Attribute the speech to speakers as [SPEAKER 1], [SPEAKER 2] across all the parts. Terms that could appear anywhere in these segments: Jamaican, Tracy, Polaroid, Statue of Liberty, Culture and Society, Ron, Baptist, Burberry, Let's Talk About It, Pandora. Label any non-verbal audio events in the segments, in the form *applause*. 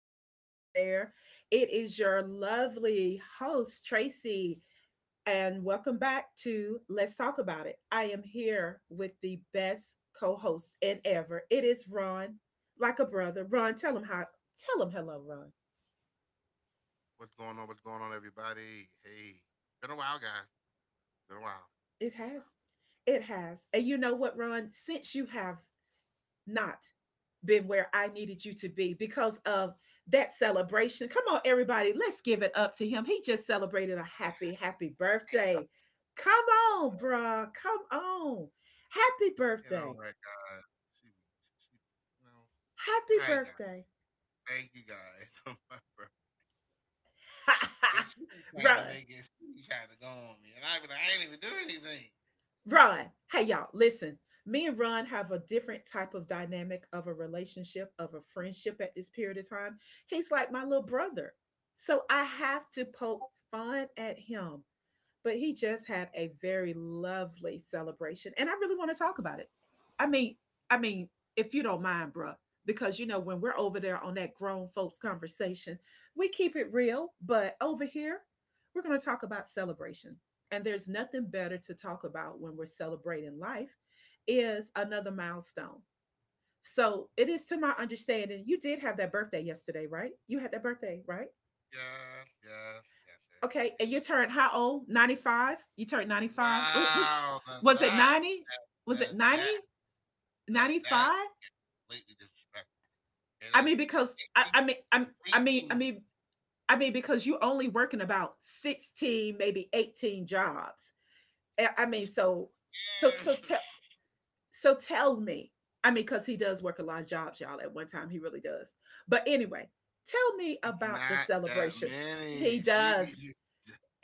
[SPEAKER 1] listeners out there. It is your lovely host, Tracy, and welcome back to Let's Talk About It. I am here with the best co host in ever. It is Ron, like a brother. Ron, tell him hello, Ron.
[SPEAKER 2] What's going on? What's going on, everybody? Hey, been a while, guys. Been a while.
[SPEAKER 1] It
[SPEAKER 2] Been a while.
[SPEAKER 1] has, it has. And you know what, Ron? Since you have not been where I needed you to be because of that celebration. Come on, everybody, let's give it up to him. He just celebrated a happy, happy
[SPEAKER 2] *laughs*
[SPEAKER 1] birthday. Come
[SPEAKER 2] you know
[SPEAKER 1] on,
[SPEAKER 2] what?
[SPEAKER 1] bruh. Come on. Happy
[SPEAKER 2] You know
[SPEAKER 1] birthday.
[SPEAKER 2] what, guys? She be, she be, you know.
[SPEAKER 1] Happy
[SPEAKER 2] Hi, guys.
[SPEAKER 1] birthday.
[SPEAKER 2] Thank you, guys, *laughs* for my birthday. And she
[SPEAKER 1] *laughs*
[SPEAKER 2] be trying to
[SPEAKER 1] Ron,
[SPEAKER 2] make it. She be trying to go on me, and I be like, I ain't even do anything.
[SPEAKER 1] Ron, hey y'all, listen. Me and Ron have a different type of dynamic of a relationship, of a friendship at this period of time. He's like my little brother. So I have to poke fun at him, but he just had a very lovely celebration and I really want to talk about it. I mean i mean if you don't mind, bruh, because you know when we're over there on that grown folks conversation, we keep it real. But over here, we're going to talk about celebration, and there's nothing better to talk about when we're celebrating life is another milestone. So it is to my understanding, you did have that birthday yesterday, right? You had that birthday, right?
[SPEAKER 2] Yes, yes, yes,
[SPEAKER 1] Okay,
[SPEAKER 2] everybody.
[SPEAKER 1] and
[SPEAKER 2] It
[SPEAKER 1] you
[SPEAKER 2] was
[SPEAKER 1] turned how old? 95. You turned 95. Was was
[SPEAKER 2] wow.
[SPEAKER 1] was it 90? Was
[SPEAKER 2] Now
[SPEAKER 1] it
[SPEAKER 2] that,
[SPEAKER 1] 90?
[SPEAKER 2] now that,
[SPEAKER 1] 95?
[SPEAKER 2] lately disrespectful. Okay,
[SPEAKER 1] I
[SPEAKER 2] that's
[SPEAKER 1] mean,
[SPEAKER 2] just
[SPEAKER 1] because
[SPEAKER 2] blatantly.
[SPEAKER 1] because you're only working about 16, maybe 18 jobs. I mean, so
[SPEAKER 2] Yeah.
[SPEAKER 1] so tell
[SPEAKER 2] *laughs*
[SPEAKER 1] so tell me. I mean, because he does work a lot of jobs, y'all. At one time, he really does. But anyway, tell me
[SPEAKER 2] It's
[SPEAKER 1] about the
[SPEAKER 2] not that
[SPEAKER 1] celebration. He
[SPEAKER 2] many.
[SPEAKER 1] does.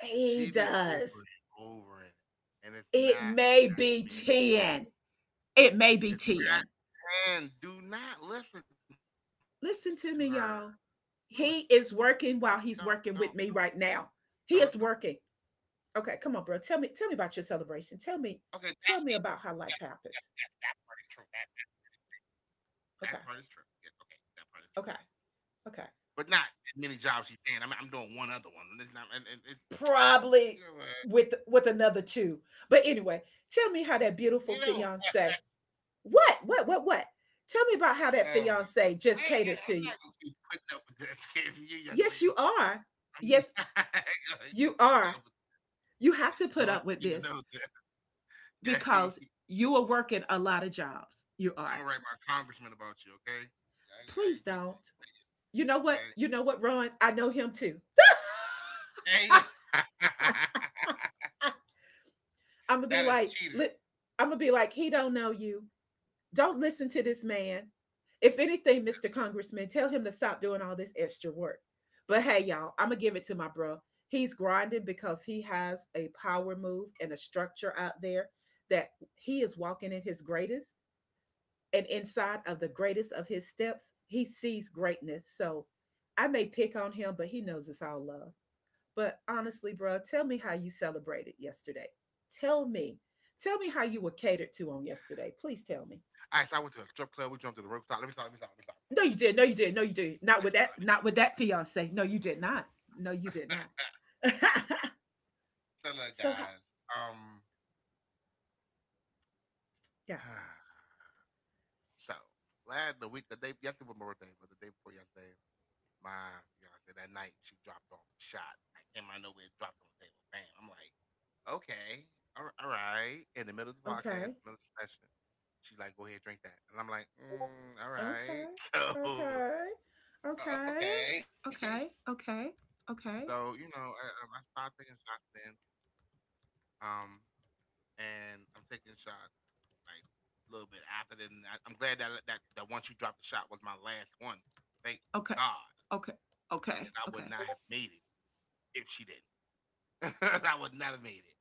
[SPEAKER 1] He
[SPEAKER 2] She be
[SPEAKER 1] does.
[SPEAKER 2] over it, and it's
[SPEAKER 1] It
[SPEAKER 2] not
[SPEAKER 1] may
[SPEAKER 2] that
[SPEAKER 1] be
[SPEAKER 2] many.
[SPEAKER 1] ten. It may be
[SPEAKER 2] It's not,
[SPEAKER 1] 10.
[SPEAKER 2] and do not listen to her.
[SPEAKER 1] Listen
[SPEAKER 2] Don't
[SPEAKER 1] to me,
[SPEAKER 2] listen to her,
[SPEAKER 1] y'all.
[SPEAKER 2] guys. Don't
[SPEAKER 1] He
[SPEAKER 2] don't
[SPEAKER 1] is
[SPEAKER 2] don't,
[SPEAKER 1] working while he's working with
[SPEAKER 2] don't
[SPEAKER 1] me
[SPEAKER 2] listen to her.
[SPEAKER 1] right now. He is working. Okay, come on, bro. Tell me about your
[SPEAKER 2] Okay, that
[SPEAKER 1] celebration.
[SPEAKER 2] is
[SPEAKER 1] Tell
[SPEAKER 2] true.
[SPEAKER 1] me, tell me about how
[SPEAKER 2] That
[SPEAKER 1] life
[SPEAKER 2] part is
[SPEAKER 1] happened.
[SPEAKER 2] true. That that part is true. Yes,
[SPEAKER 1] Okay,
[SPEAKER 2] okay, that part is true.
[SPEAKER 1] okay,
[SPEAKER 2] But not
[SPEAKER 1] okay.
[SPEAKER 2] as many jobs she's saying. I'm doing one other one. It's not, and it's you know what
[SPEAKER 1] Probably with another two. But anyway, tell me how
[SPEAKER 2] you
[SPEAKER 1] that
[SPEAKER 2] know.
[SPEAKER 1] beautiful fiance. What? What? What? What? Tell me about how
[SPEAKER 2] Um,
[SPEAKER 1] that
[SPEAKER 2] I,
[SPEAKER 1] fiance
[SPEAKER 2] I
[SPEAKER 1] just
[SPEAKER 2] 'm
[SPEAKER 1] catered
[SPEAKER 2] not
[SPEAKER 1] to
[SPEAKER 2] gonna
[SPEAKER 1] you.
[SPEAKER 2] be putting up with this, *laughs* you young lady.
[SPEAKER 1] Yes, you are.
[SPEAKER 2] You
[SPEAKER 1] Yes,
[SPEAKER 2] put *laughs*
[SPEAKER 1] you
[SPEAKER 2] that. With-
[SPEAKER 1] are. You have to
[SPEAKER 2] I want
[SPEAKER 1] put up
[SPEAKER 2] you
[SPEAKER 1] with
[SPEAKER 2] to
[SPEAKER 1] this,
[SPEAKER 2] know that. Okay,
[SPEAKER 1] because you are working a lot of jobs. You
[SPEAKER 2] *laughs* I'm
[SPEAKER 1] are.
[SPEAKER 2] gonna write my congressman about you. Okay, I
[SPEAKER 1] Please
[SPEAKER 2] ain't keep on.
[SPEAKER 1] don't. You know what? You know what, Ron? I know him too.
[SPEAKER 2] Saying this, Okay, hey, *laughs*
[SPEAKER 1] I'm gonna be
[SPEAKER 2] that is
[SPEAKER 1] like,
[SPEAKER 2] cheating.
[SPEAKER 1] li- I'm gonna be like, he don't know you. Don't listen to this man. If anything, Mr. Congressman, tell him to stop doing all this extra work. But hey, y'all, I'm gonna give it to my bro. He's grinding because he has a power move and a structure out there, that he is walking in his greatest, and inside of the greatest of his steps, he sees greatness. So I may pick on him, but he knows it's all love. But honestly, bro, tell me how you celebrated yesterday. Tell me. Tell me how you were catered to on yesterday. Please tell me.
[SPEAKER 2] All right, so I went to a strip club. We jumped to the rope. Stop. Let me stop. Let me stop. Let me stop. Let me
[SPEAKER 1] No, you did. No, you did. No, you did. Not with
[SPEAKER 2] stop. Let
[SPEAKER 1] that.
[SPEAKER 2] me
[SPEAKER 1] Not with that fiance. No, you did not. No, you
[SPEAKER 2] stop.
[SPEAKER 1] did
[SPEAKER 2] Let
[SPEAKER 1] not.
[SPEAKER 2] me *laughs* so look,
[SPEAKER 1] *laughs* So,
[SPEAKER 2] guys. Um,
[SPEAKER 1] yeah.
[SPEAKER 2] *sighs* so the day yesterday was my birthday, but the day before yesterday, my fiance that night. She dropped off a shot. I came out of nowhere, dropped on the table. Bam. I'm like, okay, all right. In the middle of the podcast,
[SPEAKER 1] Okay.
[SPEAKER 2] middle of the session, she's like, go ahead, drink that. And I'm like, mm, all right.
[SPEAKER 1] Okay.
[SPEAKER 2] *laughs* So,
[SPEAKER 1] Okay.
[SPEAKER 2] okay. *laughs*
[SPEAKER 1] Okay. Okay. Okay.
[SPEAKER 2] So, you know,
[SPEAKER 1] Okay.
[SPEAKER 2] I started taking shots then. Um, and I'm taking shots like a little bit after then. I'm glad that once you dropped the shot was my last one. Thank
[SPEAKER 1] Okay.
[SPEAKER 2] God,
[SPEAKER 1] Okay.
[SPEAKER 2] because
[SPEAKER 1] Okay.
[SPEAKER 2] I would
[SPEAKER 1] Okay.
[SPEAKER 2] not have made it if she didn't. *laughs* I would not have made it.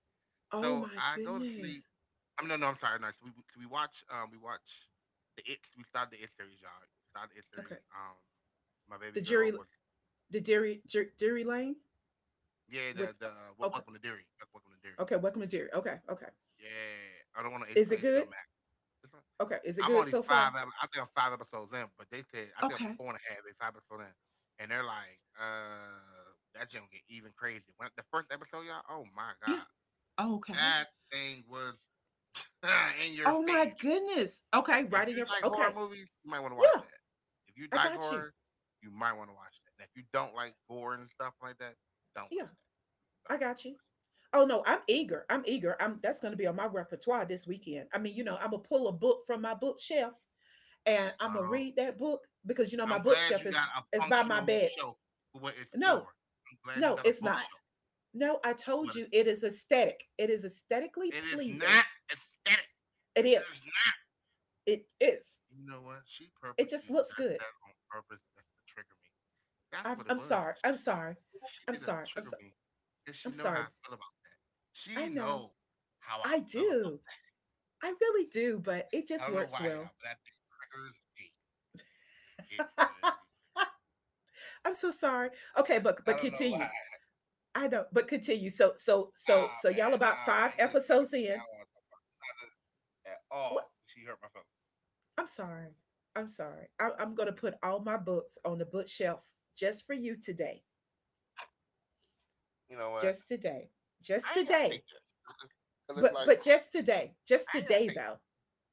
[SPEAKER 1] Oh
[SPEAKER 2] So
[SPEAKER 1] my
[SPEAKER 2] I go to sleep.
[SPEAKER 1] goodness.
[SPEAKER 2] I'm no, no, I'm sorry. No, so we watch the it. We started the it series, y'all. We started the it
[SPEAKER 1] Okay.
[SPEAKER 2] series. My baby
[SPEAKER 1] The
[SPEAKER 2] girl
[SPEAKER 1] jury,
[SPEAKER 2] was
[SPEAKER 1] the dairy, Jer- Dairy lane
[SPEAKER 2] yeah
[SPEAKER 1] with.
[SPEAKER 2] the what
[SPEAKER 1] Okay.
[SPEAKER 2] welcome to dairy. Welcome to dairy.
[SPEAKER 1] Okay. Welcome to dairy. Okay. Okay.
[SPEAKER 2] Yeah, I don't want to. It's
[SPEAKER 1] Is it
[SPEAKER 2] not
[SPEAKER 1] good?
[SPEAKER 2] HBO Max. It's not,
[SPEAKER 1] Okay. Is it
[SPEAKER 2] I'm
[SPEAKER 1] good
[SPEAKER 2] only
[SPEAKER 1] so
[SPEAKER 2] five.
[SPEAKER 1] far?
[SPEAKER 2] I think I'm five episodes in, but they said I think I'm
[SPEAKER 1] Okay.
[SPEAKER 2] four and a half, maybe five episodes in, and they're like, that shit gonna get even crazy. When the first episode, y'all, oh my god,
[SPEAKER 1] Yeah. Okay.
[SPEAKER 2] that thing was *laughs* in your
[SPEAKER 1] Oh my
[SPEAKER 2] face.
[SPEAKER 1] goodness. Okay.
[SPEAKER 2] If you like horror
[SPEAKER 1] Okay.
[SPEAKER 2] movies, you might want to watch
[SPEAKER 1] Yeah.
[SPEAKER 2] that. If you
[SPEAKER 1] I
[SPEAKER 2] like
[SPEAKER 1] got you.
[SPEAKER 2] horror, you might want to watch that. And if you don't like gore and stuff like that, don't
[SPEAKER 1] Yeah.
[SPEAKER 2] watch that.
[SPEAKER 1] I got
[SPEAKER 2] Don't watch
[SPEAKER 1] you.
[SPEAKER 2] that.
[SPEAKER 1] Oh no, I'm eager. I'm eager. I'm That's gonna be on my repertoire this weekend. I mean, I'm gonna pull a book from my bookshelf, and I'm gonna
[SPEAKER 2] Oh,
[SPEAKER 1] read that book because you know my
[SPEAKER 2] I'm glad
[SPEAKER 1] bookshelf
[SPEAKER 2] you
[SPEAKER 1] is
[SPEAKER 2] got a
[SPEAKER 1] is by my
[SPEAKER 2] functional
[SPEAKER 1] bed.
[SPEAKER 2] shelf for what it's for.
[SPEAKER 1] No,
[SPEAKER 2] I'm glad you
[SPEAKER 1] no,
[SPEAKER 2] got a
[SPEAKER 1] it's not.
[SPEAKER 2] bookshelf
[SPEAKER 1] No, I
[SPEAKER 2] for
[SPEAKER 1] told
[SPEAKER 2] what it's
[SPEAKER 1] you
[SPEAKER 2] for.
[SPEAKER 1] it is aesthetic. It is aesthetically
[SPEAKER 2] It is
[SPEAKER 1] pleasing.
[SPEAKER 2] not aesthetic.
[SPEAKER 1] It
[SPEAKER 2] It is
[SPEAKER 1] is.
[SPEAKER 2] not.
[SPEAKER 1] It is.
[SPEAKER 2] You know what? She
[SPEAKER 1] It just
[SPEAKER 2] purposely
[SPEAKER 1] looks
[SPEAKER 2] does
[SPEAKER 1] good.
[SPEAKER 2] that on purpose just to trigger me. That's
[SPEAKER 1] I'm,
[SPEAKER 2] what it
[SPEAKER 1] I'm
[SPEAKER 2] was.
[SPEAKER 1] sorry. I'm sorry.
[SPEAKER 2] She
[SPEAKER 1] I'm
[SPEAKER 2] did that to
[SPEAKER 1] sorry. I'm
[SPEAKER 2] trigger
[SPEAKER 1] sorry.
[SPEAKER 2] me because she
[SPEAKER 1] I'm
[SPEAKER 2] know how
[SPEAKER 1] sorry.
[SPEAKER 2] I feel about that. She
[SPEAKER 1] I know.
[SPEAKER 2] know how I
[SPEAKER 1] I
[SPEAKER 2] feel about
[SPEAKER 1] do. I really
[SPEAKER 2] I
[SPEAKER 1] do,
[SPEAKER 2] don't know
[SPEAKER 1] but
[SPEAKER 2] why,
[SPEAKER 1] it
[SPEAKER 2] y'all,
[SPEAKER 1] just
[SPEAKER 2] but that
[SPEAKER 1] works
[SPEAKER 2] thing
[SPEAKER 1] well.
[SPEAKER 2] triggers me. It really triggers. Me.
[SPEAKER 1] *laughs* I'm so sorry.
[SPEAKER 2] I
[SPEAKER 1] Okay,
[SPEAKER 2] don't
[SPEAKER 1] but
[SPEAKER 2] know
[SPEAKER 1] but
[SPEAKER 2] why.
[SPEAKER 1] continue. I know, but continue. So so so so y'all
[SPEAKER 2] Nah, man.
[SPEAKER 1] about
[SPEAKER 2] You just
[SPEAKER 1] five
[SPEAKER 2] triggered me
[SPEAKER 1] episodes
[SPEAKER 2] now on
[SPEAKER 1] in.
[SPEAKER 2] something. Not just at all.
[SPEAKER 1] What?
[SPEAKER 2] She hurt my feelings.
[SPEAKER 1] I'm sorry. I'm sorry. I'm gonna put all my books on the bookshelf just for you today.
[SPEAKER 2] You know what?
[SPEAKER 1] Just today,
[SPEAKER 2] I
[SPEAKER 1] just
[SPEAKER 2] ain't gotta take
[SPEAKER 1] today,
[SPEAKER 2] this because it's
[SPEAKER 1] but
[SPEAKER 2] like
[SPEAKER 1] but just
[SPEAKER 2] I
[SPEAKER 1] today, just
[SPEAKER 2] ain't gotta
[SPEAKER 1] today,
[SPEAKER 2] take this.
[SPEAKER 1] though.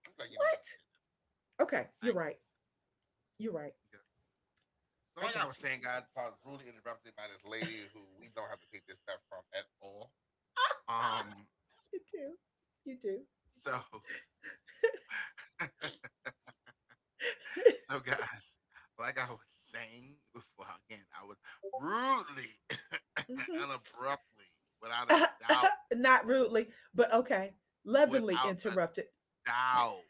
[SPEAKER 2] I'm like, you know, I ain't gotta
[SPEAKER 1] What?
[SPEAKER 2] take this.
[SPEAKER 1] Okay,
[SPEAKER 2] I
[SPEAKER 1] you're
[SPEAKER 2] ain't gotta
[SPEAKER 1] right.
[SPEAKER 2] take
[SPEAKER 1] You're right.
[SPEAKER 2] this. So,
[SPEAKER 1] I
[SPEAKER 2] like I was
[SPEAKER 1] got you.
[SPEAKER 2] saying, guys, I was rudely interrupted by this lady who we don't have to take this stuff from at all.
[SPEAKER 1] *laughs* Ah,
[SPEAKER 2] Um,
[SPEAKER 1] you do.
[SPEAKER 2] so, *laughs* so guys, like I was saying before, *laughs* again, I was rudely *laughs* *coughs*
[SPEAKER 1] Hmm.
[SPEAKER 2] and abruptly, without a doubt,
[SPEAKER 1] *laughs* Not rudely, but okay, lovingly
[SPEAKER 2] without a
[SPEAKER 1] interrupted.
[SPEAKER 2] doubt,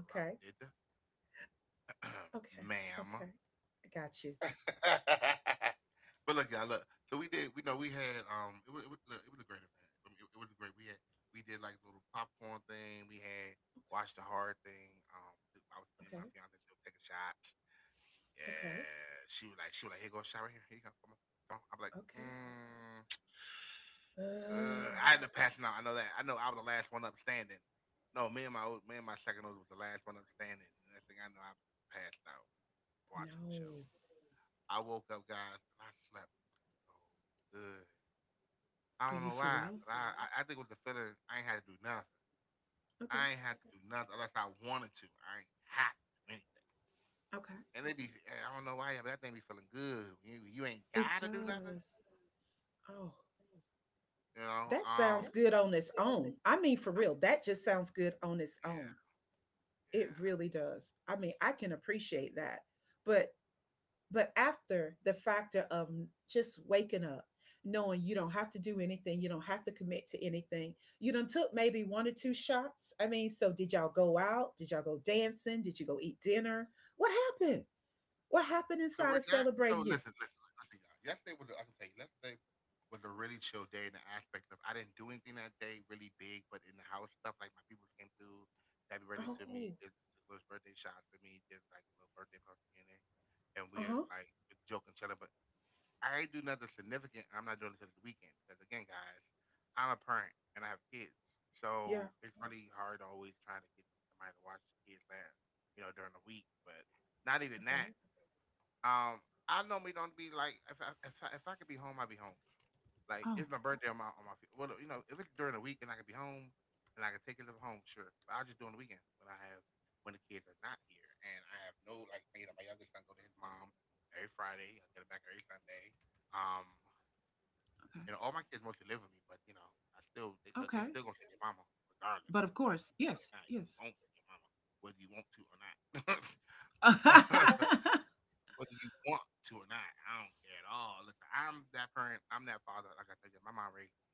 [SPEAKER 1] Okay.
[SPEAKER 2] *clears throat*
[SPEAKER 1] Okay.
[SPEAKER 2] ma'am.
[SPEAKER 1] Okay. I got you.
[SPEAKER 2] *laughs* But look, y'all, look. So we did. We know we had. It was. Look, it was a great event. I mean, it was great. We had. We did like little popcorn thing. We had watched the hard thing. I was me and my
[SPEAKER 1] Okay.
[SPEAKER 2] fiance. She'll take a shot.
[SPEAKER 1] Okay.
[SPEAKER 2] Yeah, she was like, here go a shot right here. Here you go, come on, come on. I'm like,
[SPEAKER 1] Okay.
[SPEAKER 2] mm,
[SPEAKER 1] uh,
[SPEAKER 2] I had to pass out. I know that. I know I was the last one up standing. No, me and my second nose was the last one up standing. And next thing I know, I passed out watching the show.
[SPEAKER 1] no
[SPEAKER 2] I woke up, guys, and I slept so good. I
[SPEAKER 1] Are
[SPEAKER 2] don't
[SPEAKER 1] you
[SPEAKER 2] know
[SPEAKER 1] for
[SPEAKER 2] why,
[SPEAKER 1] real?
[SPEAKER 2] but I think it was the feeling I ain't had to do nothing.
[SPEAKER 1] Okay.
[SPEAKER 2] I ain't had to do nothing unless I wanted to. I ain't have to do anything.
[SPEAKER 1] Okay.
[SPEAKER 2] And they be, eh, I don't know why, but that thing be feeling good. You ain't
[SPEAKER 1] It
[SPEAKER 2] gotta do nothing,
[SPEAKER 1] does. Oh.
[SPEAKER 2] you know.
[SPEAKER 1] That sounds good
[SPEAKER 2] That
[SPEAKER 1] on
[SPEAKER 2] sounds
[SPEAKER 1] its
[SPEAKER 2] good on this.
[SPEAKER 1] own. I mean, for real, that just
[SPEAKER 2] Yeah.
[SPEAKER 1] sounds good on its own. It
[SPEAKER 2] yeah.
[SPEAKER 1] really does. I mean, I can appreciate that. But but after the factor of just waking up, knowing you don't have to do anything, you don't have to commit to anything. You done took maybe one or two shots. I mean, so did y'all go out? Did y'all go dancing? Did you go eat dinner? What happened? What happened
[SPEAKER 2] So we're
[SPEAKER 1] inside of
[SPEAKER 2] not. So
[SPEAKER 1] celebrating you?
[SPEAKER 2] listen, y'all. Yesterday was. I can tell you, yesterday was a really chill day in the aspect of I didn't do anything that day really big, but in the house stuff like my people came through, happy birthday to me,
[SPEAKER 1] Oh,
[SPEAKER 2] did little birthday shots for me, did like a little birthday party in it, and we're
[SPEAKER 1] uh-huh.
[SPEAKER 2] like joking, chilling. But I ain't do nothing significant. I'm not doing this this weekend because again, guys, I'm a parent and I have kids,
[SPEAKER 1] Yeah.
[SPEAKER 2] so it's really hard always trying to get somebody to watch the kids that you know during the week. But not even that.
[SPEAKER 1] Okay.
[SPEAKER 2] Um, I normally don't be like if I could be home, I'd be home. Like
[SPEAKER 1] Oh,
[SPEAKER 2] it's my birthday on my fe- well, you know, if it's during the week and I can be home and I can take it to home, sure. But I'll just do it on the weekend when I have when the kids are not here and I have no like you know my youngest son go to his mom every Friday. I get it back every Sunday. Um,
[SPEAKER 1] okay.
[SPEAKER 2] you know, all my kids mostly live with me, but you know, I still they, look. They
[SPEAKER 1] Okay.
[SPEAKER 2] still gonna say your mama regardless.
[SPEAKER 1] But of
[SPEAKER 2] So I don't
[SPEAKER 1] course,
[SPEAKER 2] care if you live or
[SPEAKER 1] yes,
[SPEAKER 2] not. You
[SPEAKER 1] yes.
[SPEAKER 2] gonna say your mama whether you want to or not.
[SPEAKER 1] *laughs*
[SPEAKER 2] *laughs*
[SPEAKER 1] I
[SPEAKER 2] Whether you want to or not, I don't care at all. Listen, I'm that parent. I'm that father. Like I told you, my mom raised me,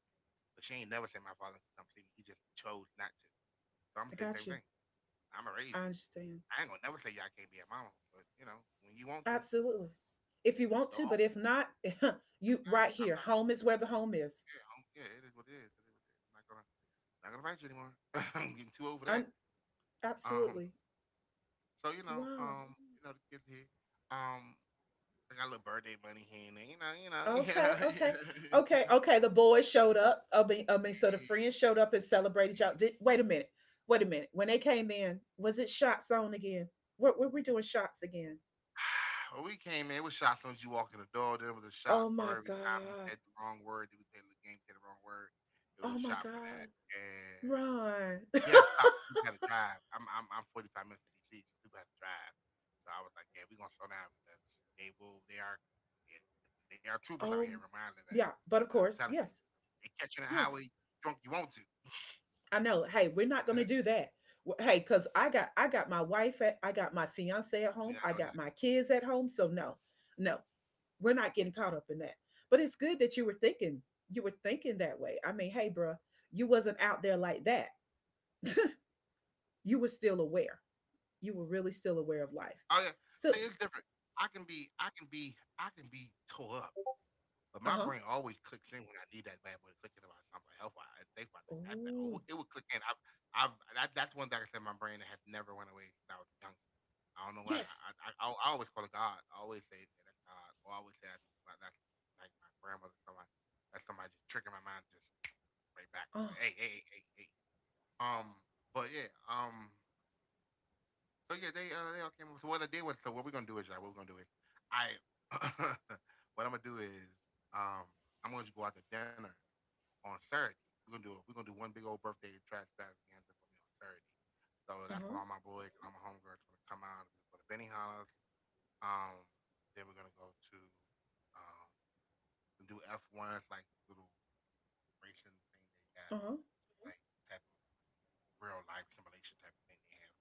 [SPEAKER 2] but she ain't never said my father could come see me. He just chose not to. So I'm gonna say the
[SPEAKER 1] got
[SPEAKER 2] same
[SPEAKER 1] you.
[SPEAKER 2] thing. I'm gonna raise
[SPEAKER 1] I
[SPEAKER 2] you.
[SPEAKER 1] understand.
[SPEAKER 2] I ain't gonna never say y'all can't be a mama, but you know, when you want to,
[SPEAKER 1] Absolutely. If you
[SPEAKER 2] the
[SPEAKER 1] want to,
[SPEAKER 2] dog.
[SPEAKER 1] but if not, *laughs* you right
[SPEAKER 2] I'm
[SPEAKER 1] here.
[SPEAKER 2] not.
[SPEAKER 1] Home is where the
[SPEAKER 2] I'm not
[SPEAKER 1] home is.
[SPEAKER 2] yeah, yeah, it is what it is. It is what it is. I'm not gonna not gonna fight you anymore. *laughs* I'm getting too over that.
[SPEAKER 1] Un-
[SPEAKER 2] Um,
[SPEAKER 1] absolutely.
[SPEAKER 2] so you know,
[SPEAKER 1] Wow.
[SPEAKER 2] mm. You know, the kids here, um, I got a little birthday money here and there, you know,
[SPEAKER 1] Okay,
[SPEAKER 2] *laughs* you
[SPEAKER 1] okay,
[SPEAKER 2] know.
[SPEAKER 1] okay, okay. The boys showed up. I mean, so the
[SPEAKER 2] And
[SPEAKER 1] friends showed up and celebrated y'all. Did
[SPEAKER 2] *sighs*
[SPEAKER 1] Wait a minute, wait a minute. When they came in, was it shots on again? Were we doing shots again?
[SPEAKER 2] when we came in, it was shots as soon as you walk in the door. There was a shot
[SPEAKER 1] Oh
[SPEAKER 2] for
[SPEAKER 1] my
[SPEAKER 2] every time you
[SPEAKER 1] god!
[SPEAKER 2] said the wrong word. Did we play the game? Said the wrong word. It was
[SPEAKER 1] Oh
[SPEAKER 2] a
[SPEAKER 1] my
[SPEAKER 2] shot for that,
[SPEAKER 1] god! Ron. *laughs*
[SPEAKER 2] we had to stop 'cause people had to drive. I'm 45 minutes from DC, so people had to drive. So I was like, yeah, we're gonna slow down because they will. They are, yeah, they are troopers out here. Reminder of
[SPEAKER 1] Um,
[SPEAKER 2] that, and I'm
[SPEAKER 1] yeah,
[SPEAKER 2] telling
[SPEAKER 1] but
[SPEAKER 2] you,
[SPEAKER 1] of course,
[SPEAKER 2] they
[SPEAKER 1] yes,
[SPEAKER 2] catch you on the highway
[SPEAKER 1] yes,
[SPEAKER 2] drunk. You want to.
[SPEAKER 1] I know. Hey, we're not
[SPEAKER 2] *laughs*
[SPEAKER 1] gonna do that. Hey, cause I got my wife at I
[SPEAKER 2] We're
[SPEAKER 1] got
[SPEAKER 2] not
[SPEAKER 1] my
[SPEAKER 2] doing that.
[SPEAKER 1] fiance at home. I got my kids at home. So no, no, we're not getting caught up in that. But it's good that you were thinking that way. I mean, hey, bruh, you wasn't out there like that. You were still aware. You were really still
[SPEAKER 2] Oh
[SPEAKER 1] aware
[SPEAKER 2] yeah,
[SPEAKER 1] of life.
[SPEAKER 2] see, it's different.
[SPEAKER 1] So,
[SPEAKER 2] I can be tore up, but my brain
[SPEAKER 1] uh
[SPEAKER 2] always
[SPEAKER 1] huh.
[SPEAKER 2] clicks in when I need that bad boy to click in about something health wise and safe wise like that. That- oh, it would
[SPEAKER 1] Oh
[SPEAKER 2] click in. I've that, that's one thing I said my brain has never went away since I was young. I don't know why.
[SPEAKER 1] yes.
[SPEAKER 2] I always call it God. I always say that's God. Or I always say that's like my grandmother. Somebody that's somebody just tricking my mind just right back to like
[SPEAKER 1] Oh.
[SPEAKER 2] hey hey hey hey. Um, but yeah. So yeah, they all came. So what I did was so what we're gonna do is y'all, what we're gonna do is I *coughs* *laughs* what I'm gonna do is um I'm gonna just go out to dinner on Saturday. We're gonna do it. We're gonna do one big old birthday trash extravaganza for me on Saturday. So
[SPEAKER 1] Uh
[SPEAKER 2] that's when
[SPEAKER 1] huh.
[SPEAKER 2] all my boys and all my homegirls gonna come out. We're gonna go to Benihana's. Um, then we're gonna go to um some do F ones, like little racing thing they got,
[SPEAKER 1] Uh huh.
[SPEAKER 2] like type of real life simulation type of thing they have.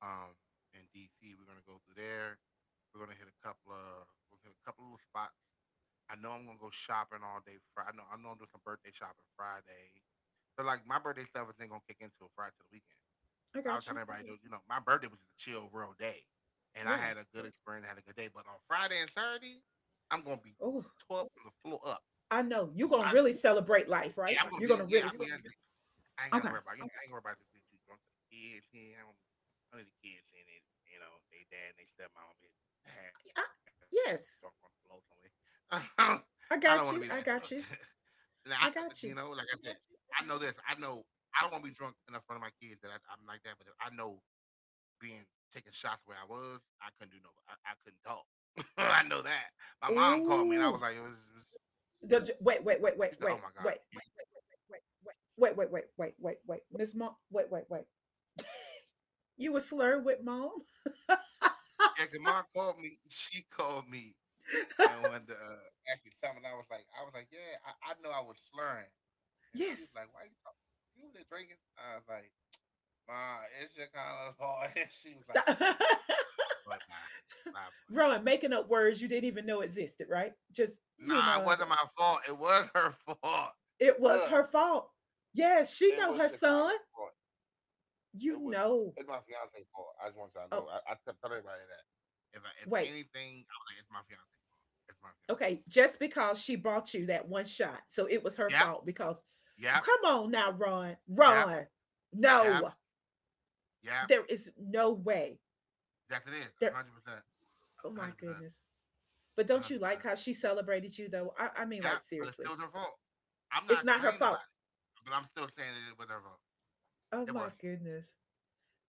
[SPEAKER 2] Um, in DC, we're gonna go through there. We're gonna hit a couple of we're gonna hit a couple of little spots. I know I'm gonna go shopping all day Friday. I know I'm doing some birthday shopping Friday. So like my birthday stuff is ain't gonna kick in until Friday to the weekend.
[SPEAKER 1] I
[SPEAKER 2] I was
[SPEAKER 1] got you.
[SPEAKER 2] telling everybody, dude, you know, my birthday was a chill, real day, and I
[SPEAKER 1] Yeah.
[SPEAKER 2] had a good experience, had a good day. But on Friday and Saturday, I'm gonna be
[SPEAKER 1] Oh,
[SPEAKER 2] tore from the floor up.
[SPEAKER 1] I know you're gonna
[SPEAKER 2] I,
[SPEAKER 1] really
[SPEAKER 2] you can
[SPEAKER 1] celebrate
[SPEAKER 2] really
[SPEAKER 1] life, right?
[SPEAKER 2] yeah, I'm gonna
[SPEAKER 1] You're
[SPEAKER 2] be
[SPEAKER 1] gonna
[SPEAKER 2] celebrate. Yeah,
[SPEAKER 1] really
[SPEAKER 2] I'm you gonna, gonna be- I ain't
[SPEAKER 1] Okay.
[SPEAKER 2] gotta worry about. You know, I ain't gonna worry about this being too drunk for the kids here. I don't need the kids seeing it. You know, they dad and they stepmom is half
[SPEAKER 1] I,
[SPEAKER 2] drunk on the floor somewhere.
[SPEAKER 1] yes,
[SPEAKER 2] *laughs* I don't I don't want to be that
[SPEAKER 1] I
[SPEAKER 2] drunk.
[SPEAKER 1] got you.
[SPEAKER 2] *laughs*
[SPEAKER 1] I got you.
[SPEAKER 2] And you know,
[SPEAKER 1] I
[SPEAKER 2] like I said,
[SPEAKER 1] got you.
[SPEAKER 2] I know this. I know I don't want to be drunk enough in front of my kids that I'm like that. But if I know being taking shots where I was, I couldn't do no, I couldn't talk. *laughs* I know that. My mom called me and I
[SPEAKER 1] Oh,
[SPEAKER 2] was like, it was
[SPEAKER 1] wait, wait, wait, wait, wait,
[SPEAKER 2] she said,
[SPEAKER 1] wait,
[SPEAKER 2] oh my god.
[SPEAKER 1] wait,
[SPEAKER 2] Wait, wait, wait, wait, wait, wait,
[SPEAKER 1] wait, wait, wait, wait, wait, wait,
[SPEAKER 2] wait.
[SPEAKER 1] Miss Mom. Wait, wait, wait. You were slur with mom?
[SPEAKER 2] Yeah, 'cause mom called me. She called me and wanted to ask me something. I was like, yeah, I know I was slurring, and she
[SPEAKER 1] Yes.
[SPEAKER 2] was like, why you talking? You over there drinking? I was like, ma, it's your Carlos fault. *laughs* And she was like,
[SPEAKER 1] *laughs*
[SPEAKER 2] boy, bye, bye, boy.
[SPEAKER 1] Ron, making up words you didn't even know existed, right? Just you
[SPEAKER 2] Nah,
[SPEAKER 1] know,
[SPEAKER 2] it
[SPEAKER 1] as a,
[SPEAKER 2] wasn't my fault. It was her *laughs* fault.
[SPEAKER 1] It was her
[SPEAKER 2] Look,
[SPEAKER 1] fault. Yeah,
[SPEAKER 2] it
[SPEAKER 1] she
[SPEAKER 2] was
[SPEAKER 1] know her
[SPEAKER 2] Shekinah's
[SPEAKER 1] son.
[SPEAKER 2] fault. It
[SPEAKER 1] You
[SPEAKER 2] was it's
[SPEAKER 1] know.
[SPEAKER 2] my fiance's fault. I just want y'all to know.
[SPEAKER 1] Oh,
[SPEAKER 2] I kept telling everybody that. If
[SPEAKER 1] wait.
[SPEAKER 2] anything, I was like, it's my fiance's fault. It's my fiance.
[SPEAKER 1] Okay, just because she bought you that one shot. So it was her
[SPEAKER 2] Yep,
[SPEAKER 1] fault, because
[SPEAKER 2] yep,
[SPEAKER 1] come on now, Ron.
[SPEAKER 2] yep,
[SPEAKER 1] Ron.
[SPEAKER 2] yep,
[SPEAKER 1] No.
[SPEAKER 2] yep.
[SPEAKER 1] There is no way.
[SPEAKER 2] That's it is. A
[SPEAKER 1] There
[SPEAKER 2] hundred percent.
[SPEAKER 1] Oh
[SPEAKER 2] a
[SPEAKER 1] my
[SPEAKER 2] hundred percent.
[SPEAKER 1] goodness. But
[SPEAKER 2] a
[SPEAKER 1] don't you
[SPEAKER 2] hundred
[SPEAKER 1] like
[SPEAKER 2] percent.
[SPEAKER 1] how she celebrated you though? I mean
[SPEAKER 2] Yep.
[SPEAKER 1] like
[SPEAKER 2] But it's
[SPEAKER 1] seriously.
[SPEAKER 2] still her fault. I'm
[SPEAKER 1] It's
[SPEAKER 2] not
[SPEAKER 1] not her
[SPEAKER 2] complaining about
[SPEAKER 1] fault.
[SPEAKER 2] it, but I'm still saying that it was her fault.
[SPEAKER 1] Oh
[SPEAKER 2] It was.
[SPEAKER 1] my goodness.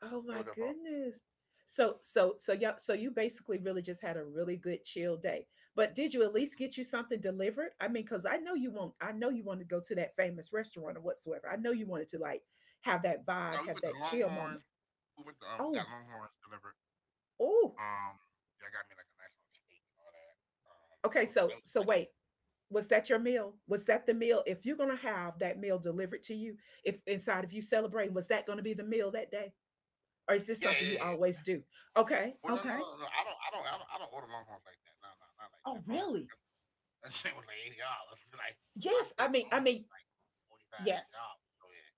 [SPEAKER 1] Oh
[SPEAKER 2] It
[SPEAKER 1] my
[SPEAKER 2] was her fault.
[SPEAKER 1] goodness. So yeah, so you basically really just had a really good chill day. But did you at least
[SPEAKER 2] Mhm.
[SPEAKER 1] get you something delivered? I mean, because I know you want I know you wanted to go to that famous restaurant or whatsoever. I know you wanted to, like, have that vibe,
[SPEAKER 2] Now, we
[SPEAKER 1] have
[SPEAKER 2] went to
[SPEAKER 1] that chill moment.
[SPEAKER 2] Longhorn. We went to we
[SPEAKER 1] Oh,
[SPEAKER 2] got Longhorns delivered.
[SPEAKER 1] oh.
[SPEAKER 2] Um, Y'all got me like a nice little steak and all that. Um,
[SPEAKER 1] Okay,
[SPEAKER 2] it was,
[SPEAKER 1] so
[SPEAKER 2] it was
[SPEAKER 1] so
[SPEAKER 2] nice.
[SPEAKER 1] wait. Was that your meal? Was that the meal? If you're gonna have that meal delivered to you, if inside of you celebrating, was that gonna be the meal that day? Or is
[SPEAKER 2] Yeah,
[SPEAKER 1] this
[SPEAKER 2] yeah,
[SPEAKER 1] something you
[SPEAKER 2] yeah.
[SPEAKER 1] always do? Okay,
[SPEAKER 2] Well, no, no,
[SPEAKER 1] okay.
[SPEAKER 2] no, no. I don't order Longhorns like that. No, no, not like
[SPEAKER 1] Oh,
[SPEAKER 2] that. Longhorns,
[SPEAKER 1] really?
[SPEAKER 2] that *laughs* that shit was like $80. *laughs* Like my
[SPEAKER 1] Yes, I
[SPEAKER 2] steak
[SPEAKER 1] mean, I
[SPEAKER 2] alone was
[SPEAKER 1] mean,
[SPEAKER 2] like 45, fifty
[SPEAKER 1] yes.
[SPEAKER 2] dollars. So yeah,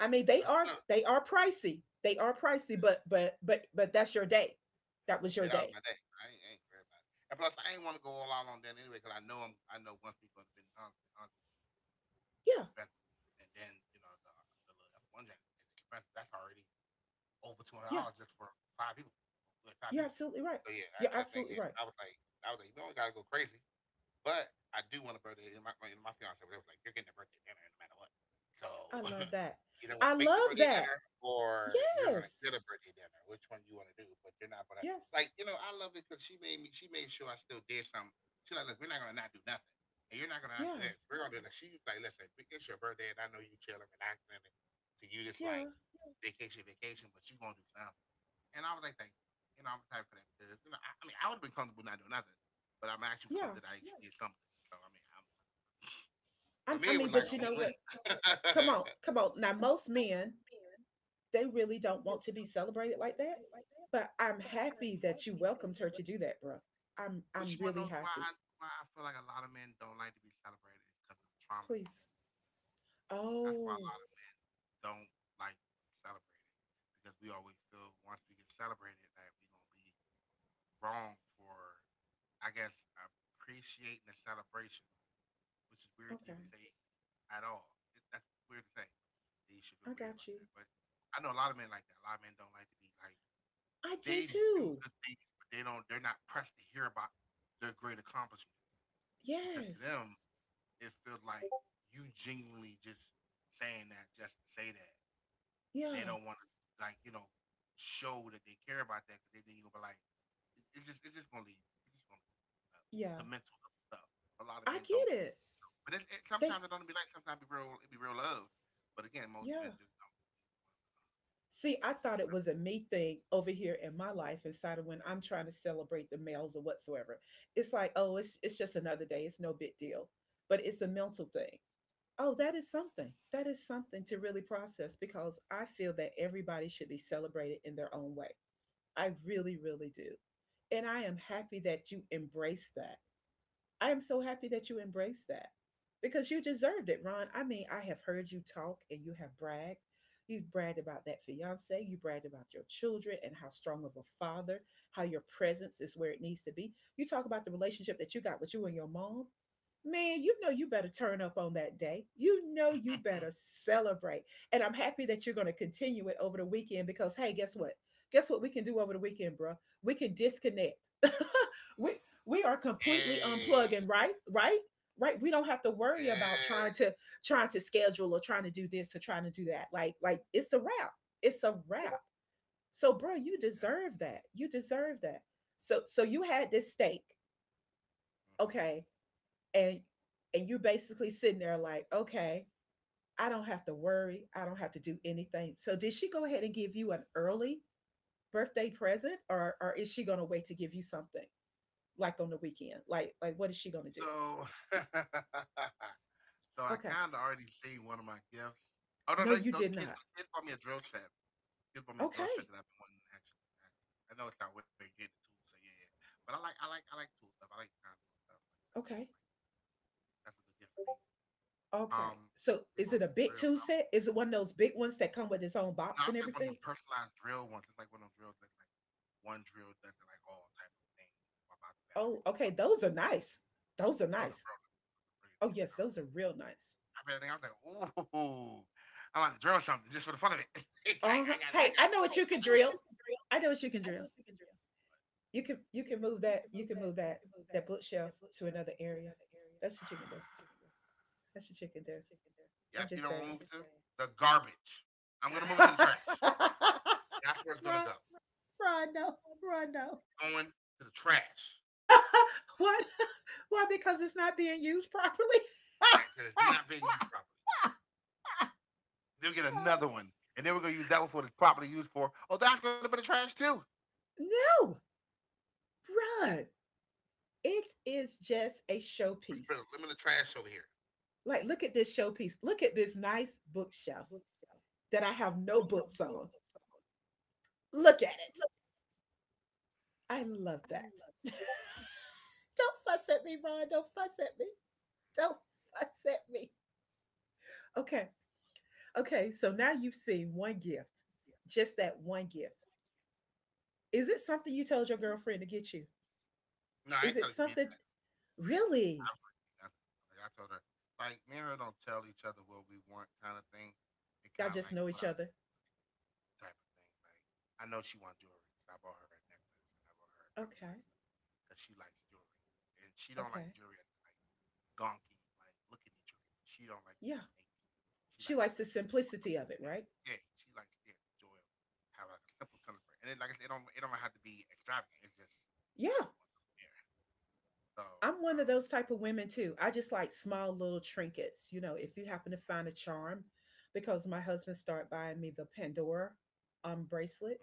[SPEAKER 1] I mean they are
[SPEAKER 2] yeah, *laughs*
[SPEAKER 1] they are pricey. They are pricey, but that's your day. That was
[SPEAKER 2] yeah.
[SPEAKER 1] your
[SPEAKER 2] That was
[SPEAKER 1] day.
[SPEAKER 2] my day. I ain't worried about it. And plus, I ain't want to go all out on that anyway because I know once we go to Benny Hans, Hans is
[SPEAKER 1] Yeah.
[SPEAKER 2] expensive, and then you know the little F one jacket is expensive. That's already over two hundred
[SPEAKER 1] Yeah.
[SPEAKER 2] dollars just for 5 people, for like, five
[SPEAKER 1] You're
[SPEAKER 2] people.
[SPEAKER 1] absolutely right.
[SPEAKER 2] So yeah,
[SPEAKER 1] You're
[SPEAKER 2] that thing.
[SPEAKER 1] absolutely
[SPEAKER 2] Yeah,
[SPEAKER 1] right.
[SPEAKER 2] I was like, we only gotta go crazy. But I do want a birthday. And my fiance was always like, "You're getting a birthday dinner no matter what." So
[SPEAKER 1] I love
[SPEAKER 2] *laughs*
[SPEAKER 1] that.
[SPEAKER 2] either want
[SPEAKER 1] I
[SPEAKER 2] to make the
[SPEAKER 1] love
[SPEAKER 2] birthday
[SPEAKER 1] that.
[SPEAKER 2] dinner or you're gonna get
[SPEAKER 1] Yes.
[SPEAKER 2] a birthday dinner. Which one you want to do? But you're not gonna
[SPEAKER 1] Yes.
[SPEAKER 2] like. You know, I love it because she made me. She made sure I still did something. She's like, "Look, we're not gonna not do nothing." And you're not gonna not do
[SPEAKER 1] Yeah.
[SPEAKER 2] this. We're gonna do this. She's like, listen, it's your birthday, and I know you chilling, relaxing, and to you, it's like
[SPEAKER 1] Yeah.
[SPEAKER 2] vacation, vacation, but you gonna do something. And I was like, thank you. You know, I'm excited for that because you know, I mean, I would have been comfortable not doing nothing, but I'm actually
[SPEAKER 1] Yeah.
[SPEAKER 2] comfortable that I actually did something. So I mean, I'm,
[SPEAKER 1] I,
[SPEAKER 2] for me,
[SPEAKER 1] I
[SPEAKER 2] it
[SPEAKER 1] mean,
[SPEAKER 2] was like
[SPEAKER 1] but
[SPEAKER 2] a
[SPEAKER 1] you know
[SPEAKER 2] win-win.
[SPEAKER 1] what?
[SPEAKER 2] *laughs*
[SPEAKER 1] Come on. Come on. Now
[SPEAKER 2] Come on,
[SPEAKER 1] most
[SPEAKER 2] now
[SPEAKER 1] men,
[SPEAKER 2] most men
[SPEAKER 1] they really
[SPEAKER 2] they
[SPEAKER 1] don't want
[SPEAKER 2] really
[SPEAKER 1] to be
[SPEAKER 2] don't want to be
[SPEAKER 1] celebrated like that.
[SPEAKER 2] celebrated like that,
[SPEAKER 1] But I'm
[SPEAKER 2] but I'm
[SPEAKER 1] happy that you
[SPEAKER 2] happy that
[SPEAKER 1] welcomed
[SPEAKER 2] you
[SPEAKER 1] her to
[SPEAKER 2] were.
[SPEAKER 1] do that, bro. I'm
[SPEAKER 2] But
[SPEAKER 1] I'm
[SPEAKER 2] you want to
[SPEAKER 1] really
[SPEAKER 2] know
[SPEAKER 1] happy.
[SPEAKER 2] why I feel like a lot of men don't like to be celebrated is because of the trauma they've
[SPEAKER 1] Please.
[SPEAKER 2] been through. That's why a
[SPEAKER 1] Oh,
[SPEAKER 2] lot of men don't like to be celebrated because we always feel once we get celebrated that we're gonna be wrong for, I guess, appreciating the celebration, which is weird to
[SPEAKER 1] okay.
[SPEAKER 2] even say at all. That's weird to say. That you should feel weird
[SPEAKER 1] I
[SPEAKER 2] about that.
[SPEAKER 1] got you.
[SPEAKER 2] But I know a lot of men like that. A lot of men don't like to be like
[SPEAKER 1] I do
[SPEAKER 2] they do
[SPEAKER 1] too.
[SPEAKER 2] good things, but they don't. They're not pressed to hear about their great accomplishment because to
[SPEAKER 1] Yes.
[SPEAKER 2] them it feels like you genuinely just saying that just to say that, and they
[SPEAKER 1] Yeah.
[SPEAKER 2] don't want to like you know show that they care about that because then you're gonna be like, it's just It's just gonna lead to
[SPEAKER 1] Yeah.
[SPEAKER 2] mental health stuff. A lot of
[SPEAKER 1] I
[SPEAKER 2] men don't,
[SPEAKER 1] get it.
[SPEAKER 2] but
[SPEAKER 1] They
[SPEAKER 2] sometimes it don't be like. Sometimes it be real. It be real love. But again, most men
[SPEAKER 1] Yeah.
[SPEAKER 2] just don't.
[SPEAKER 1] See, I thought it was a me thing over here in my life inside of when I'm trying to celebrate the males or whatsoever. It's like, oh, it's just another day. It's no big deal. But it's a mental thing. Oh, that is something. That is something to really process because I feel that everybody should be celebrated in their own way. I really, really do. And I am so happy that you embraced that because you deserved it, Ron. I mean, I have heard you talk and you have bragged. You bragged about that fiance, you bragged about your children and how strong of a father, how your presence is where it needs to be. You talk about the relationship that you got with you and your mom. Man, you know you better turn up on that day. You know you better celebrate. And I'm happy that you're going to continue it over the weekend, because, hey, guess what? Guess what we can do over the weekend, bro? We can disconnect. *laughs* we we are completely
[SPEAKER 2] Hey,
[SPEAKER 1] unplugging, right, right, right. We don't have to worry
[SPEAKER 2] yeah,
[SPEAKER 1] about trying to schedule or trying to do this or trying to do that. Like it's a wrap. It's a wrap. So, bro, you
[SPEAKER 2] yeah.
[SPEAKER 1] deserve that. You deserve that. So you had this stake. Okay.
[SPEAKER 2] Hmm.
[SPEAKER 1] And and you basically sitting there like, okay, I don't have to worry. I don't have to do anything. So did she go ahead and give you an early birthday present, or is she going to wait to give you something like on the weekend? Like what is she going to do?
[SPEAKER 2] So, *laughs* so I
[SPEAKER 1] Okay.
[SPEAKER 2] kind of already see one of my gifts. Oh no,
[SPEAKER 1] No,
[SPEAKER 2] no,
[SPEAKER 1] you
[SPEAKER 2] no,
[SPEAKER 1] did
[SPEAKER 2] the kids,
[SPEAKER 1] not.
[SPEAKER 2] the kids bought me a drill set. Kids bought me a drill set
[SPEAKER 1] Okay.
[SPEAKER 2] that I've been wanting to actually. Actually, I know it's not weird getting the tools, so yeah, yeah, yeah. But I like tool stuff. I like kind of doing stuff like certain things.
[SPEAKER 1] Okay.
[SPEAKER 2] Like that's a good gift for me.
[SPEAKER 1] Okay.
[SPEAKER 2] Um,
[SPEAKER 1] So
[SPEAKER 2] they
[SPEAKER 1] is
[SPEAKER 2] bought
[SPEAKER 1] it a
[SPEAKER 2] me a
[SPEAKER 1] big
[SPEAKER 2] drill.
[SPEAKER 1] two
[SPEAKER 2] And I was
[SPEAKER 1] set? Is it one of those big ones that come with its own box
[SPEAKER 2] not
[SPEAKER 1] and
[SPEAKER 2] like one of them
[SPEAKER 1] everything?
[SPEAKER 2] personalized drill ones. It's like one of them drills that like one drill does it like all type of things. Swap out the
[SPEAKER 1] Oh,
[SPEAKER 2] batteries. And
[SPEAKER 1] okay.
[SPEAKER 2] swap out.
[SPEAKER 1] Those are nice. Those are
[SPEAKER 2] Yeah, those are
[SPEAKER 1] nice.
[SPEAKER 2] real nice. Those are
[SPEAKER 1] Oh,
[SPEAKER 2] really
[SPEAKER 1] yes,
[SPEAKER 2] nice.
[SPEAKER 1] those are real nice.
[SPEAKER 2] And I was like, ooh. I bet I was like, ooh, I'm about to drill something just for the fun of it. *laughs* like
[SPEAKER 1] Uh-huh.
[SPEAKER 2] I got, it. I
[SPEAKER 1] Hey,
[SPEAKER 2] you, got,
[SPEAKER 1] I know what
[SPEAKER 2] hey, I
[SPEAKER 1] you
[SPEAKER 2] know
[SPEAKER 1] can
[SPEAKER 2] got what
[SPEAKER 1] drill.
[SPEAKER 2] you can drill.
[SPEAKER 1] I know what you can
[SPEAKER 2] I know
[SPEAKER 1] drill.
[SPEAKER 2] what you can drill.
[SPEAKER 1] You can move
[SPEAKER 2] You
[SPEAKER 1] that
[SPEAKER 2] can
[SPEAKER 1] you
[SPEAKER 2] move
[SPEAKER 1] can
[SPEAKER 2] that
[SPEAKER 1] move that that bookshelf
[SPEAKER 2] that
[SPEAKER 1] to
[SPEAKER 2] bookshelf
[SPEAKER 1] another
[SPEAKER 2] to
[SPEAKER 1] area.
[SPEAKER 2] another area.
[SPEAKER 1] That's what you can
[SPEAKER 2] That's
[SPEAKER 1] do.
[SPEAKER 2] what you can do.
[SPEAKER 1] That's what you can
[SPEAKER 2] That's
[SPEAKER 1] do.
[SPEAKER 2] what you can do.
[SPEAKER 1] I'm
[SPEAKER 2] Yep. You
[SPEAKER 1] just
[SPEAKER 2] know what I'm
[SPEAKER 1] saying.
[SPEAKER 2] moving just to saying. The garbage. I'm gonna
[SPEAKER 1] *laughs*
[SPEAKER 2] move it to the
[SPEAKER 1] Run,
[SPEAKER 2] trash. That's where it's gonna go.
[SPEAKER 1] run, no, run, no.
[SPEAKER 2] *laughs* going to the trash
[SPEAKER 1] *laughs* What? Why? Because it's not being used properly. *laughs*
[SPEAKER 2] because it's not being used properly. They'll get another one, and then we're going to use that one for what it's properly used for. Oh, that's going to be the trash too. I
[SPEAKER 1] No, run. It is just a
[SPEAKER 2] spread a
[SPEAKER 1] showpiece.
[SPEAKER 2] limit of trash over here.
[SPEAKER 1] Like, look at this showpiece. Look at this nice bookshelf
[SPEAKER 2] Bookshelf
[SPEAKER 1] that I have
[SPEAKER 2] that
[SPEAKER 1] no
[SPEAKER 2] I have
[SPEAKER 1] books
[SPEAKER 2] no
[SPEAKER 1] on.
[SPEAKER 2] books on.
[SPEAKER 1] Look at it.
[SPEAKER 2] Look,
[SPEAKER 1] I love
[SPEAKER 2] I
[SPEAKER 1] that.
[SPEAKER 2] love
[SPEAKER 1] *laughs*
[SPEAKER 2] that.
[SPEAKER 1] Don't fuss at me, Ron. Don't fuss at me. Don't fuss at me. Okay. Okay. So now you've seen one gift, just that one gift. Is it something you told your girlfriend to get you?
[SPEAKER 2] No, I
[SPEAKER 1] Is
[SPEAKER 2] ain't
[SPEAKER 1] it
[SPEAKER 2] telling Camille
[SPEAKER 1] something,
[SPEAKER 2] that. I
[SPEAKER 1] really?
[SPEAKER 2] don't really do nothing. Like I told her, like me and don't tell each other what we want, kind of thing. It
[SPEAKER 1] Y'all
[SPEAKER 2] kind of
[SPEAKER 1] just
[SPEAKER 2] like
[SPEAKER 1] know
[SPEAKER 2] put
[SPEAKER 1] each
[SPEAKER 2] out
[SPEAKER 1] other.
[SPEAKER 2] type of thing. Like I know she wants jewelry. I bought her a necklace and I bought her a tennis
[SPEAKER 1] Okay.
[SPEAKER 2] bracelet because she likes jewelry and she don't like
[SPEAKER 1] Okay.
[SPEAKER 2] jewelry as in, like gonky, like look at me jewelry, but she don't like to
[SPEAKER 1] Yeah.
[SPEAKER 2] feel naked. She
[SPEAKER 1] She
[SPEAKER 2] like to
[SPEAKER 1] likes the
[SPEAKER 2] like *laughs* she want
[SPEAKER 1] simplicity
[SPEAKER 2] something
[SPEAKER 1] of
[SPEAKER 2] like
[SPEAKER 1] it,
[SPEAKER 2] that.
[SPEAKER 1] right?
[SPEAKER 2] Yeah, she likes yeah, the joy of having like a simple tennis bracelet. And it, like I said, it don't have to be extravagant. It's just
[SPEAKER 1] Yeah.
[SPEAKER 2] she wants something there. So
[SPEAKER 1] I'm one of
[SPEAKER 2] um,
[SPEAKER 1] those type of women too. I just like small little trinkets. If you happen to find a charm, because my husband started buying me the Pandora
[SPEAKER 2] mm,
[SPEAKER 1] bracelet,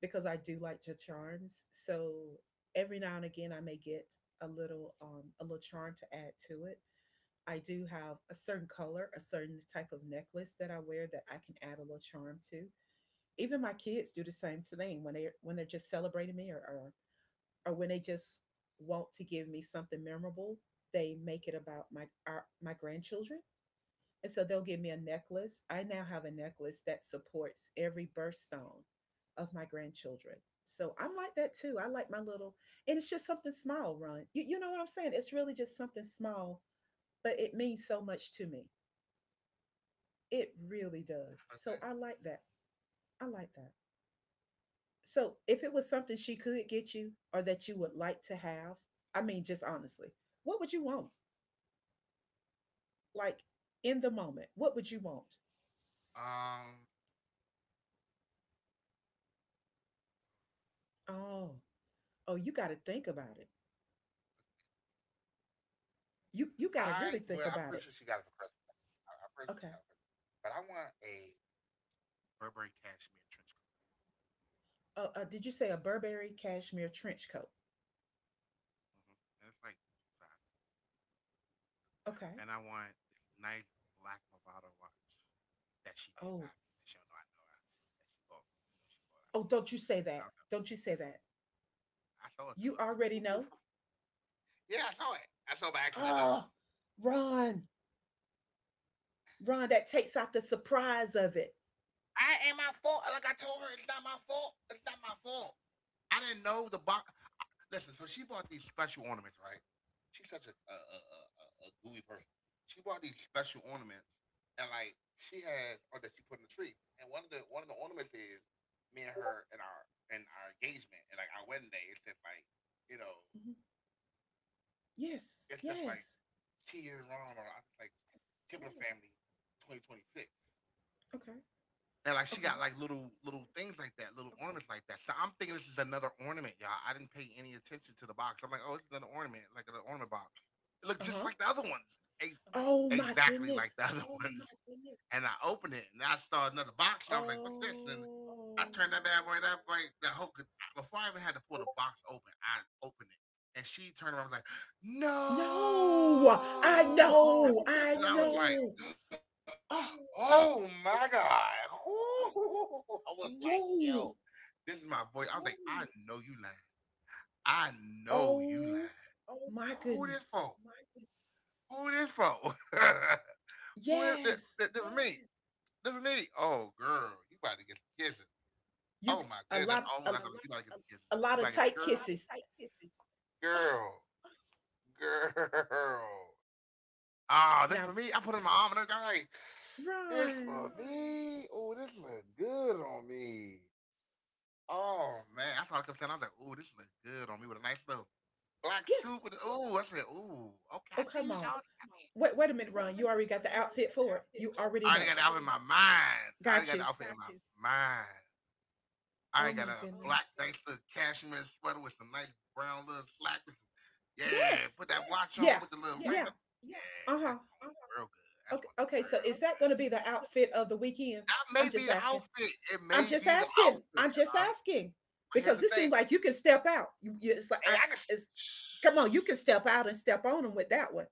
[SPEAKER 1] because I do like to charms. So every now and again I may get a little charm to add to it. I do have a certain color, a certain type of necklace that I wear that I can add a little charm to. Even my kids do the same thing when they're just celebrating me, or, or when they just want to give me something memorable. They make it about my grandchildren. And so they'll give me a necklace. I now have a necklace that supports every birthstone of my grandchildren. So I'm like that too. I like my little, and it's just something small, Ron. You know what I'm saying? It's really just something small, but it means so much to me. It really does.
[SPEAKER 2] I was like,
[SPEAKER 1] So I like that. I like that. So if it was something she could get you or that you would like to have, I mean, just honestly, what would you want? Like, in the moment, what would you want?
[SPEAKER 2] um,
[SPEAKER 1] Oh, oh, you got to think about it.
[SPEAKER 2] I
[SPEAKER 1] You
[SPEAKER 2] well,
[SPEAKER 1] you
[SPEAKER 2] I'm
[SPEAKER 1] got to
[SPEAKER 2] pretty sure
[SPEAKER 1] really
[SPEAKER 2] she got
[SPEAKER 1] think
[SPEAKER 2] it for
[SPEAKER 1] about
[SPEAKER 2] Christmas.
[SPEAKER 1] it.
[SPEAKER 2] I'm pretty sure she got it for
[SPEAKER 1] Okay.
[SPEAKER 2] Christmas. But I want a Burberry cashmere trench coat.
[SPEAKER 1] Did you say a Burberry cashmere trench coat?
[SPEAKER 2] Mm-hmm. And it's like five. And I
[SPEAKER 1] Okay.
[SPEAKER 2] want this nice black Movado watch that she did buy
[SPEAKER 1] Oh,
[SPEAKER 2] me. That she don't know I know that she bought me. I know she bought. I
[SPEAKER 1] oh,
[SPEAKER 2] saw it, and
[SPEAKER 1] don't you say
[SPEAKER 2] I
[SPEAKER 1] that.
[SPEAKER 2] was like, ooh.
[SPEAKER 1] Don't you say that.
[SPEAKER 2] I saw it too.
[SPEAKER 1] You
[SPEAKER 2] I was like,
[SPEAKER 1] already know.
[SPEAKER 2] ooh. *laughs* Yeah, I saw it. I saw it by accident though.
[SPEAKER 1] Oh, Run, Run. That takes out the surprise of it.
[SPEAKER 2] I ain't my fault. Like I told her, it's not my fault. It's not my fault. I didn't know the box. Listen, so she bought these special ornaments, right? She's such a gooey person. She bought these special ornaments, and like she has, or that she put in the tree. And one of the ornaments is me and her and our engagement and like our wedding day. It says like,
[SPEAKER 1] Mhm.
[SPEAKER 2] you know, it says
[SPEAKER 1] Yes,
[SPEAKER 2] like
[SPEAKER 1] yes.
[SPEAKER 2] she is wrong, or I just like Kimberly family, 2026.
[SPEAKER 1] Okay,
[SPEAKER 2] And like she
[SPEAKER 1] okay.
[SPEAKER 2] got like little things like that, little ornaments like that. So I'm thinking this is another ornament, y'all. I didn't pay any attention to the box. I'm like, oh, it's another ornament, like an ornament box.
[SPEAKER 1] Uh
[SPEAKER 2] It
[SPEAKER 1] huh.
[SPEAKER 2] looked just like the other ones,
[SPEAKER 1] Oh
[SPEAKER 2] uh-huh,
[SPEAKER 1] my goodness.
[SPEAKER 2] exactly like the *laughs* other Oh ones. My goodness. And I opened it and I saw another box and I was like, what's this? And then
[SPEAKER 1] Oh,
[SPEAKER 2] oh I turned that bad boy, no. that boy, that whole before I even had to pull the box open, I opened it. And she turned around was like, no.
[SPEAKER 1] no. I know.
[SPEAKER 2] No,
[SPEAKER 1] I
[SPEAKER 2] oh.
[SPEAKER 1] know.
[SPEAKER 2] And I was like,
[SPEAKER 1] Oh,
[SPEAKER 2] oh my God. *laughs* Ooh. I was like,
[SPEAKER 1] whoa.
[SPEAKER 2] yo, this is my voice. I was like, I oh, know you lying. I know you
[SPEAKER 1] Oh
[SPEAKER 2] lying. Oh
[SPEAKER 1] my
[SPEAKER 2] who this
[SPEAKER 1] goodness.
[SPEAKER 2] for? My goodness. Who this for? *laughs* Who is this,
[SPEAKER 1] Yes.
[SPEAKER 2] this, this is me? Yes. This is me. Oh girl, you about to get some kisses.
[SPEAKER 1] You
[SPEAKER 2] Oh my
[SPEAKER 1] a
[SPEAKER 2] goodness, you
[SPEAKER 1] lot,
[SPEAKER 2] that's I a
[SPEAKER 1] a,
[SPEAKER 2] thought. Lot you about to get lot some kisses.
[SPEAKER 1] a lot
[SPEAKER 2] You
[SPEAKER 1] of
[SPEAKER 2] about to get a,
[SPEAKER 1] tight
[SPEAKER 2] a girl, lot of
[SPEAKER 1] kisses.
[SPEAKER 2] tight kisses.
[SPEAKER 1] Oh,
[SPEAKER 2] Girl, *laughs* girl. Ah, this for
[SPEAKER 1] now,
[SPEAKER 2] me. I put it in my arm and I was like, "Hey, this for
[SPEAKER 1] Ron.
[SPEAKER 2] me. Oh, this look good on me. Oh man, I saw it come down. I was like, oh, this look good on me with a nice little black suit
[SPEAKER 1] Yes.
[SPEAKER 2] with. Oh, I said, oh, okay, I
[SPEAKER 1] Oh,
[SPEAKER 2] see you,
[SPEAKER 1] come
[SPEAKER 2] oh,
[SPEAKER 1] on.
[SPEAKER 2] Sean.
[SPEAKER 1] Wait a minute,
[SPEAKER 2] Wait,
[SPEAKER 1] Ron.
[SPEAKER 2] wait a
[SPEAKER 1] You already
[SPEAKER 2] minute,
[SPEAKER 1] got
[SPEAKER 2] Ron.
[SPEAKER 1] the
[SPEAKER 2] You already
[SPEAKER 1] outfit
[SPEAKER 2] got the
[SPEAKER 1] for it.
[SPEAKER 2] outfit
[SPEAKER 1] You
[SPEAKER 2] for it. I
[SPEAKER 1] already
[SPEAKER 2] already got
[SPEAKER 1] know.
[SPEAKER 2] the outfit in my mind. I already
[SPEAKER 1] Got
[SPEAKER 2] got the
[SPEAKER 1] you.
[SPEAKER 2] outfit in got my you. Mind. I already
[SPEAKER 1] Oh
[SPEAKER 2] got
[SPEAKER 1] my
[SPEAKER 2] a oh black
[SPEAKER 1] goodness.
[SPEAKER 2] goodness. Nice okay. Little cashmere sweater with some nice brown little slack yeah,
[SPEAKER 1] Yes.
[SPEAKER 2] put that yeah. Watch on
[SPEAKER 1] Yeah.
[SPEAKER 2] with the little yeah. Ring.
[SPEAKER 1] Yeah.
[SPEAKER 2] On. Yeah, yeah.
[SPEAKER 1] Uh-huh.
[SPEAKER 2] That's gonna uh-huh. Look uh-huh. Real good. That's
[SPEAKER 1] Okay,
[SPEAKER 2] gonna look
[SPEAKER 1] okay,
[SPEAKER 2] okay,
[SPEAKER 1] so
[SPEAKER 2] real
[SPEAKER 1] is
[SPEAKER 2] okay,
[SPEAKER 1] that
[SPEAKER 2] so
[SPEAKER 1] going to
[SPEAKER 2] good. Is
[SPEAKER 1] be
[SPEAKER 2] that
[SPEAKER 1] the
[SPEAKER 2] gonna
[SPEAKER 1] outfit
[SPEAKER 2] be
[SPEAKER 1] of the weekend?
[SPEAKER 2] that may
[SPEAKER 1] I'm
[SPEAKER 2] be
[SPEAKER 1] just
[SPEAKER 2] the
[SPEAKER 1] asking.
[SPEAKER 2] outfit. It
[SPEAKER 1] I'm
[SPEAKER 2] may
[SPEAKER 1] just
[SPEAKER 2] be the
[SPEAKER 1] asking.
[SPEAKER 2] outfit,
[SPEAKER 1] I'm just
[SPEAKER 2] y'all.
[SPEAKER 1] asking,
[SPEAKER 2] But here's
[SPEAKER 1] because
[SPEAKER 2] the
[SPEAKER 1] it
[SPEAKER 2] thing.
[SPEAKER 1] seems like you can step out. You it's like
[SPEAKER 2] Hey, I
[SPEAKER 1] I-
[SPEAKER 2] can. *sighs*
[SPEAKER 1] it's come on, you can step out and step on them with that one.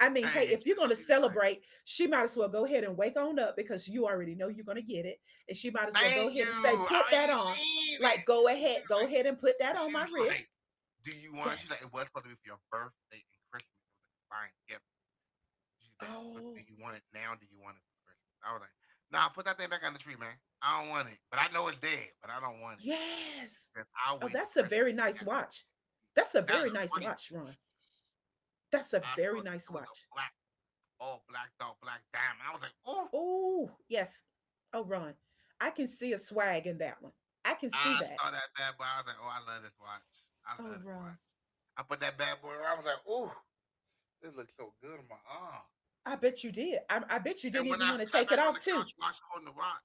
[SPEAKER 1] I mean, hey,
[SPEAKER 2] Hey,
[SPEAKER 1] if you're going to
[SPEAKER 2] she's like,
[SPEAKER 1] celebrate, she might as well go ahead and wake on up, because you already know you're going to get it, and she might as well go
[SPEAKER 2] thank you.
[SPEAKER 1] ahead and say,
[SPEAKER 2] I
[SPEAKER 1] "Put that
[SPEAKER 2] ain't
[SPEAKER 1] on."
[SPEAKER 2] mean it.
[SPEAKER 1] Like,
[SPEAKER 2] And she was
[SPEAKER 1] go
[SPEAKER 2] like,
[SPEAKER 1] ahead and put
[SPEAKER 2] so
[SPEAKER 1] that on
[SPEAKER 2] she
[SPEAKER 1] my
[SPEAKER 2] was like,
[SPEAKER 1] wrist.
[SPEAKER 2] do you want? She's
[SPEAKER 1] Yes.
[SPEAKER 2] like, it was supposed to be for your birthday and Christmas. It was a combined gift. She's that. But do
[SPEAKER 1] Oh,
[SPEAKER 2] you want it now? Do you want it for Christmas? I was like, nah, put that thing back on the tree, man. I don't want it. But I know it's dead, but I don't want it.
[SPEAKER 1] yes.
[SPEAKER 2] Because I'll
[SPEAKER 1] Oh,
[SPEAKER 2] wait till
[SPEAKER 1] that's a
[SPEAKER 2] Christmas
[SPEAKER 1] very
[SPEAKER 2] for
[SPEAKER 1] nice
[SPEAKER 2] that.
[SPEAKER 1] watch. That's a
[SPEAKER 2] That is
[SPEAKER 1] very
[SPEAKER 2] a
[SPEAKER 1] nice
[SPEAKER 2] really
[SPEAKER 1] watch, Ron. That's a
[SPEAKER 2] I saw
[SPEAKER 1] very
[SPEAKER 2] it.
[SPEAKER 1] nice
[SPEAKER 2] It was
[SPEAKER 1] watch.
[SPEAKER 2] a black, all black dog, black diamond. I was like, ooh.
[SPEAKER 1] Oh, yes. Oh, Ron, I can see a swag in that one. I can see
[SPEAKER 2] I
[SPEAKER 1] that.
[SPEAKER 2] saw that bad boy. I was like, oh, I love this watch. I
[SPEAKER 1] Oh,
[SPEAKER 2] love this
[SPEAKER 1] Ron,
[SPEAKER 2] watch. I put that bad boy. On. I was like, ooh, this looks so good on my arm.
[SPEAKER 1] I bet you did. I bet you didn't
[SPEAKER 2] And when
[SPEAKER 1] even
[SPEAKER 2] I
[SPEAKER 1] want to
[SPEAKER 2] sat
[SPEAKER 1] take it
[SPEAKER 2] back on
[SPEAKER 1] off,
[SPEAKER 2] the
[SPEAKER 1] too.
[SPEAKER 2] couch watching holding the watch,